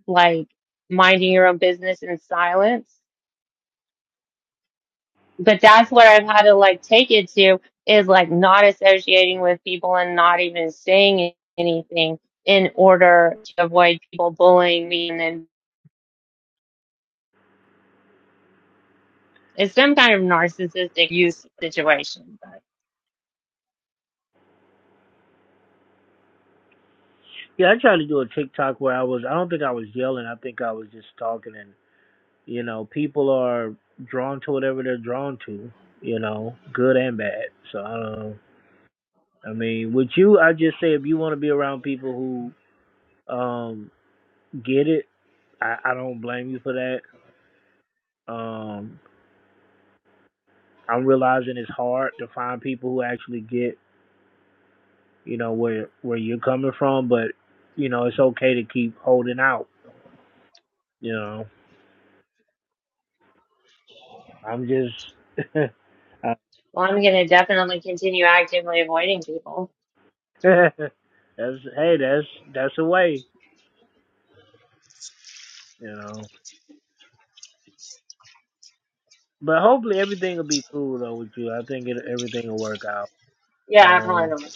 A: Like, minding your own business in silence? But that's what I've had to like take it to is like not associating with people and not even saying anything in order to avoid people bullying me. And then it's some kind of narcissistic use situation. But
B: Yeah, I tried to do a TikTok where I was I don't think I was yelling, I think I was just talking and you know, people are drawn to whatever they're drawn to, you know, good and bad. So I don't know. I mean, with you I just say if you want to be around people who um get it, I, I don't blame you for that. Um I'm realizing it's hard to find people who actually get, you know, where where you're coming from, but you know, it's okay to keep holding out, you know. I'm just I-
A: well, I'm going to definitely continue actively avoiding people.
B: that's hey, that's that's a way, you know. But hopefully everything will be cool though with you. I think it, everything will work out.
A: Yeah, I probably
B: Um
A: don't.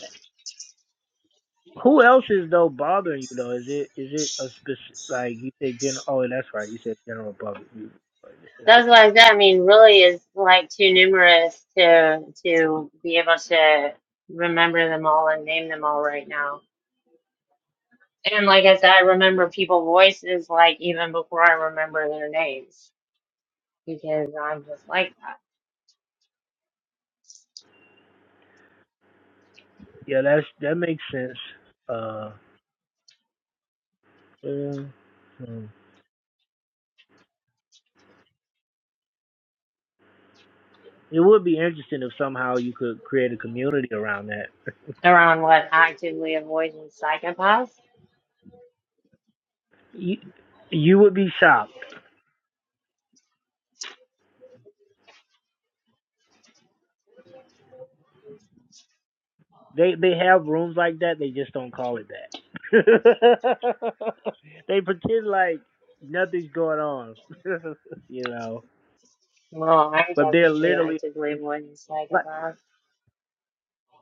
B: who else is though bothering you though? Is it is it a specific like you said general? Oh, that's right. You said general public. You,
A: Those like that, I mean, really is like too numerous to to be able to remember them all and name them all right now. And like I said, I remember people voices like even before I remember their names because I'm just like that.
B: yeah, that's that makes sense. Uh, Yeah. Hmm. It would be interesting if somehow you could create a community around that.
A: Around what actively avoiding psychopaths?
B: You, you would be shocked. They they have rooms like that. They just don't call it that. they pretend like nothing's going on, you know.
A: Well, I'm
B: But they're
A: definitely
B: literally
A: actively avoiding
B: like
A: psychopaths.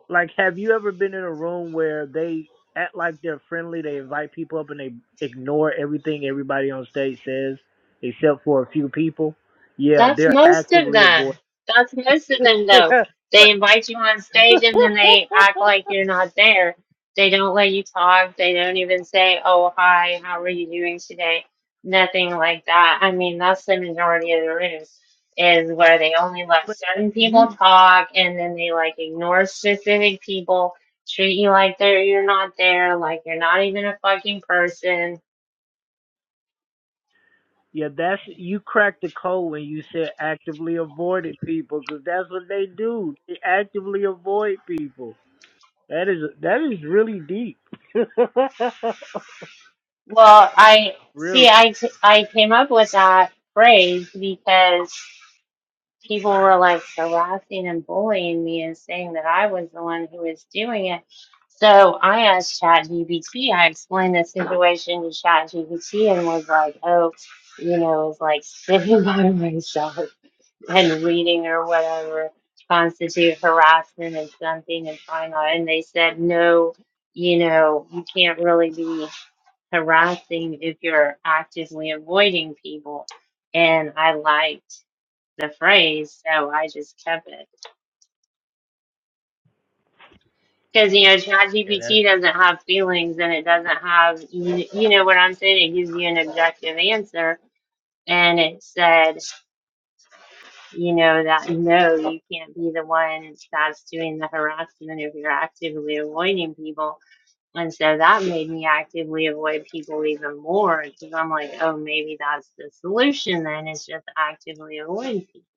B: like. Have you ever been in a room where they act like they're friendly? They invite people up and they ignore everything everybody on stage says, except for a few people. Yeah,
A: That's
B: they're
A: most of
B: actively avoiding.
A: them. That's most of them,
B: but
A: though. They
B: but
A: invite you on stage and then they act like you're not there. They don't let you talk. They don't even say, oh, hi, how are you doing today? Nothing like that. I mean, that's the majority of the rooms is where they only let
B: that,
A: certain people
B: you
A: talk and then they like ignore specific people, treat you like they're, you're not there, like you're not even a fucking person
B: yeah, that's you cracked the code when you said actively avoided people because that's what they do. They actively avoid people. That is that is really deep.
A: Well, I
B: really.
A: see. I t- I came up with that phrase because people were like harassing and bullying me and saying that I was the one who was doing it. So I asked ChatGPT. I explained the situation to ChatGPT and was like, "Oh, you know, it's like sitting by myself and reading or whatever constitute harassment and something and trying not." And they said, "No, you know, you can't really be." harassing if you're actively avoiding people. And I liked the phrase, so I just kept it. Because, you know,
B: Yeah, that's
A: ChatGPT doesn't have feelings and it doesn't have, you, you know what I'm saying? It gives you an objective answer. And it said, you know, that no, you can't be the one that's doing the harassment if you're actively avoiding people. And so that made me actively avoid people even more because I'm like, oh, maybe that's the solution then is just actively avoid people.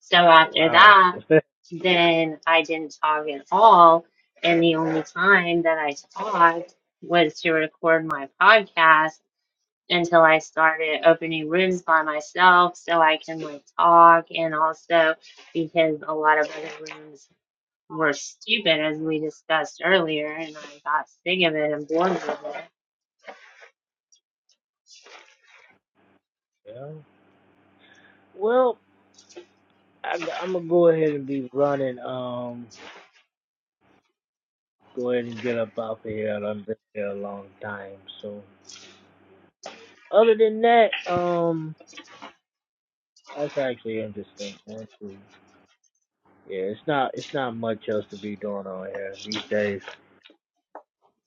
A: So after
B: wow.
A: that,
B: yeah.
A: then I didn't talk at all. And the only time that I talked was to record my podcast until I started opening rooms by myself so I can like talk and also because a lot of other rooms were stupid as we discussed earlier, and I got sick of it and bored with it.
B: Well, I, am gonna go ahead and be running. Um, go ahead and get up off of here. I've been here a long time. So, other than that, um. That's actually interesting. honestly. Yeah, it's not it's not much else to be doing on here these days.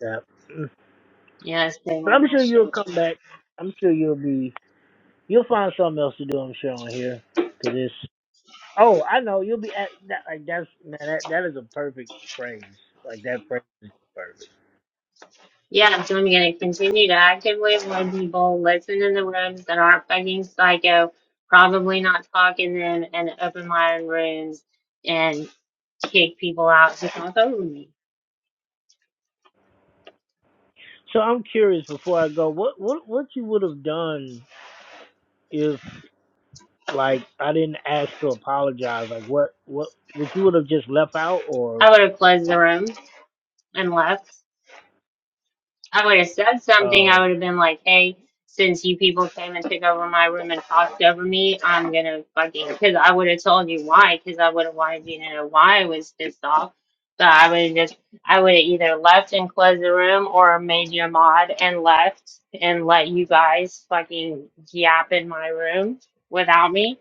B: Yeah.
A: Yeah, it's been
B: But I'm
A: that
B: sure you'll
A: shit.
B: come back. I'm sure you'll be you'll find something else to do. I'm sure on here because it's oh I know you'll be at that like that's man that that is a perfect phrase like that phrase is perfect.
A: Yeah, so I'm gonna continue to actively avoid people, listen in the rooms that aren't fucking psycho, probably not talk in them, and open my own rooms and kick people out to talk over me.
B: So I'm curious before I go what what what you would have done if like I didn't ask to apologize like what what what you would have just left out or
A: I would have closed the room and left. I would have said something.
B: um.
A: I would have been like, hey, since you people came and took over my room and talked over me, I'm going to fucking, because I would have told you why, because I would have wanted you to know why I was pissed off. So I would have just, I would have either left and closed the room or made you a mod and left and let you guys fucking yap in my room without me.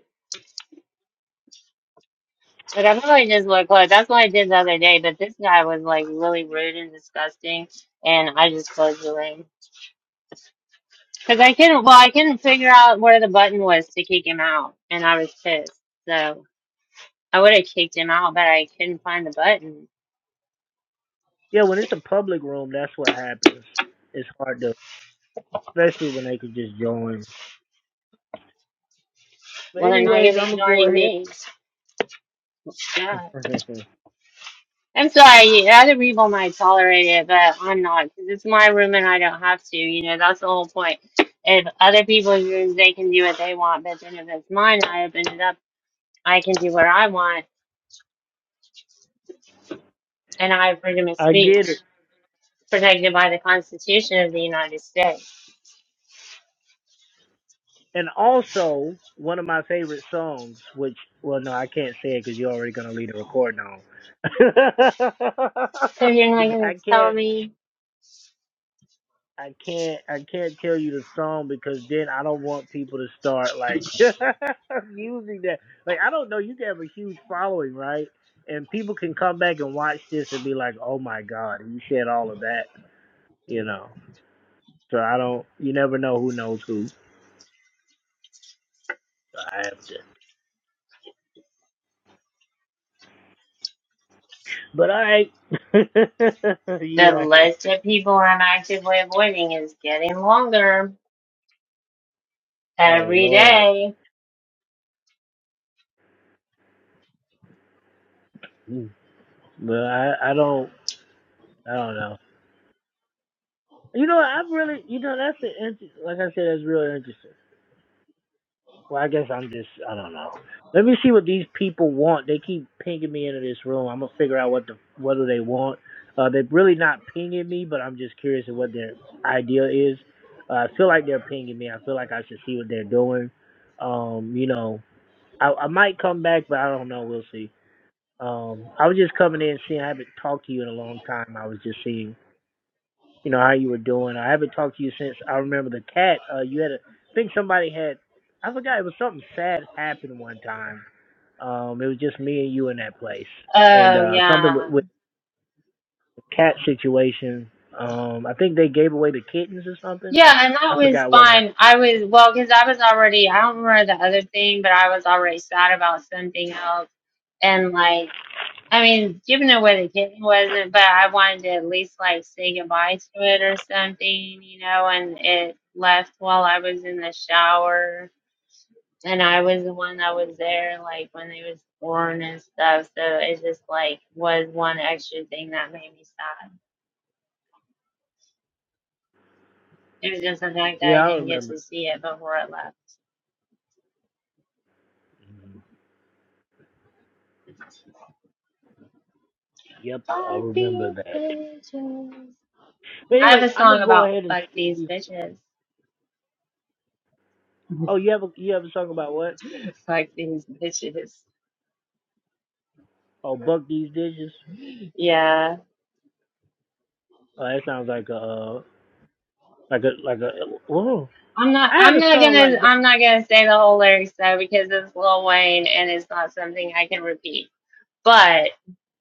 A: Like, I probably just would close. That's what I did the other day, but this guy was like really rude and disgusting, and I just closed the room. Because I couldn't, well, I couldn't figure out where the button was to kick him out, and I was pissed. So I would have kicked him out, but I couldn't find the button.
B: Yeah, when it's a public room, that's what happens. It's hard to, especially when they could just join. But
A: Well, they're not going
B: anyways,
A: to
B: I'm
A: be
B: gonna go
A: joining
B: ahead.
A: me. God. I'm sorry, other people might tolerate it, but I'm not, because it's my room and I don't have to. You know, that's the whole point. If other people's rooms, they can do what they want, but then if it's mine, I open it up, I can do what I want, and I have freedom of
B: I get it.
A: speech protected by the Constitution of the United States.
B: And also, one of my favorite songs, which, well, no, I can't say it because you're already gonna leave the recording on.
A: So you're not going
B: I
A: to
B: can't.
A: tell me
B: I can't I can't tell you the song because then I don't want people to start like using that. Like I don't know, you can have a huge following, right? And people can come back and watch this and be like, "Oh my God, he said all of that," you know. So I don't. You never know who knows who. So I have to. But all right, you
A: The
B: like?
A: list of people I'm actively avoiding is getting longer
B: Oh
A: every
B: Lord.
A: day.
B: Mm. But I I don't I don't know. You know I've really you know that's an inter- like I said that's really interesting. Well, I guess I'm just I don't know. Let me see what these people want. They keep pinging me into this room. I'm gonna figure out what the what do they want. Uh, they're really not pinging me, but I'm just curious of what their idea is. Uh, I feel like they're pinging me. I feel like I should see what they're doing. Um, you know, I, I might come back, but I don't know. We'll see. Um, I was just coming in, seeing I haven't talked to you in a long time. I was just seeing you know how you were doing. I haven't talked to you since I remember the cat. Uh, you had a I think somebody had I forgot it was something sad happened one time. Um, it was just me and you in that place, and
A: Oh,
B: uh, something with,
A: yeah.
B: with the cat situation. Um, I think they gave away the kittens or something.
A: Yeah, and
B: I
A: that was
B: forgot what happened.
A: fine. I was, well, because I was already, I don't remember the other thing, but I was already sad about something else. And, like, I mean, giving away the kitten wasn't, but I wanted to at least, like, say goodbye to it or something, you know, and it left while I was in the shower. and I was the one that was there like when they was born and stuff. So it just like was one extra thing that made me sad. It was just the fact that
B: Yeah,
A: I
B: I
A: didn't get
B: remember.
A: to see it before I left.
B: Mhm. Yep, I
A: Fuck
B: remember
A: these
B: that.
A: bitches.
B: But
A: I have
B: anyway,
A: a
B: I'm
A: song
B: gonna go
A: about
B: ahead and
A: fuck
B: shoot
A: these
B: these.
A: bitches.
B: Oh, you have a you have a song about what?
A: fuck these bitches.
B: Oh, buck these dishes.
A: Yeah.
B: Oh, that sounds like a uh, like a like a. Whoa.
A: I'm
B: I
A: not
B: had
A: I'm
B: a
A: not
B: song
A: gonna
B: like
A: I'm not gonna say the whole lyrics though because it's Lil Wayne and it's not something I can repeat. But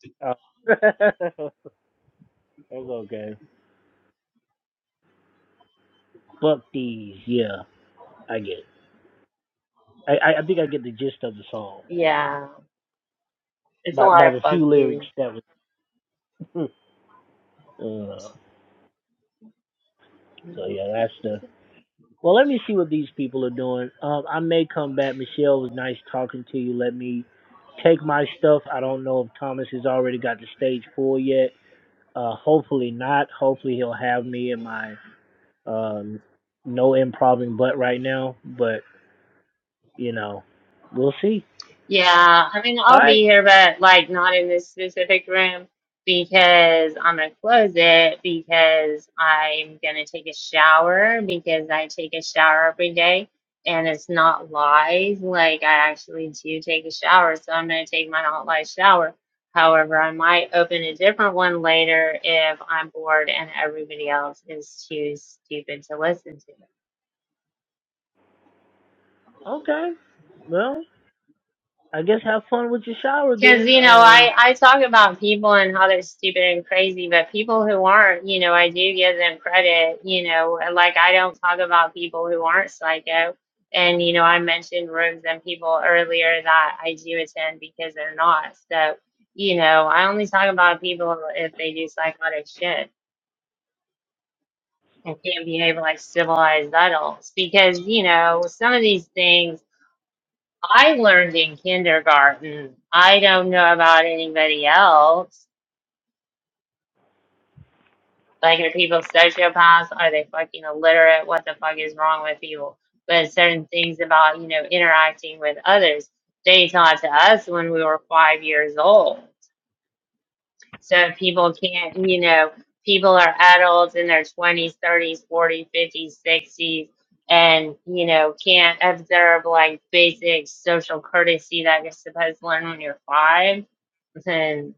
B: that. Oh. That's okay. Buck these, yeah, I get. It. I I I think I get the gist of the song
A: yeah. It's a
B: by
A: lot
B: by
A: of
B: the
A: fuck
B: few
A: yous.
B: lyrics that was. uh, so yeah, that's the. Well, let me see what these people are doing. Um, I may come back. Michelle it was nice talking to you. Let me take my stuff. I don't know if Thomas has already got the stage four yet. Uh, hopefully not. Hopefully he'll have me in my um no improving butt right now. but. You know, we'll see.
A: Yeah, I mean,
B: All
A: I'll be
B: right.
A: here, but like not in this specific room because I'm gonna close it because I'm gonna take a shower because I take a shower every day and it's not lies. Like, I actually do take a shower, so I'm gonna take my not lies shower. However, I might open a different one later if I'm bored and everybody else is too stupid to listen to.
B: Okay. Well, I guess have fun with your shower
A: Because,
B: then.
A: you know,
B: Um.
A: I, I talk about people and how they're stupid and crazy, but people who aren't, you know, I do give them credit, you know, like I don't talk about people who aren't psycho. And, you know, I mentioned rooms and people earlier that I do attend because they're not. So, you know, I only talk about people if they do psychotic shit and can't behave like civilized adults because, you know, some of these things I learned in kindergarten. I don't know about anybody else Like, are people sociopaths? Are they fucking illiterate? What the fuck is wrong with people? But certain things about, you know, interacting with others, they taught to us when we were five years old. So people can't, you know, people are adults in their 20s, 30s, 40s, 50s, 60s, and, you know, can't observe like basic social courtesy that you're supposed to learn when you're five. And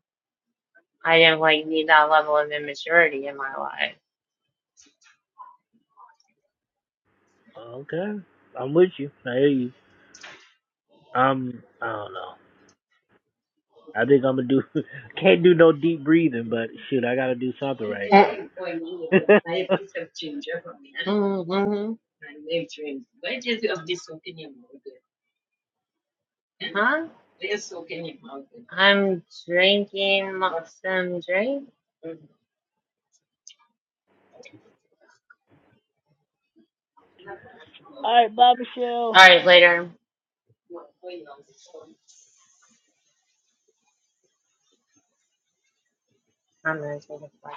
A: I do not like need that level of immaturity in my life.
B: Okay. I'm with you. I hear you. I'm. I don't know. I think I'm gonna do. Can't do no deep breathing, but shoot, I gotta do something right
A: Uh,
B: now.
A: hmm Huh? I'm drinking some drink.
B: All right, bye, Michelle.
A: All right, later. I'm gonna take a flight.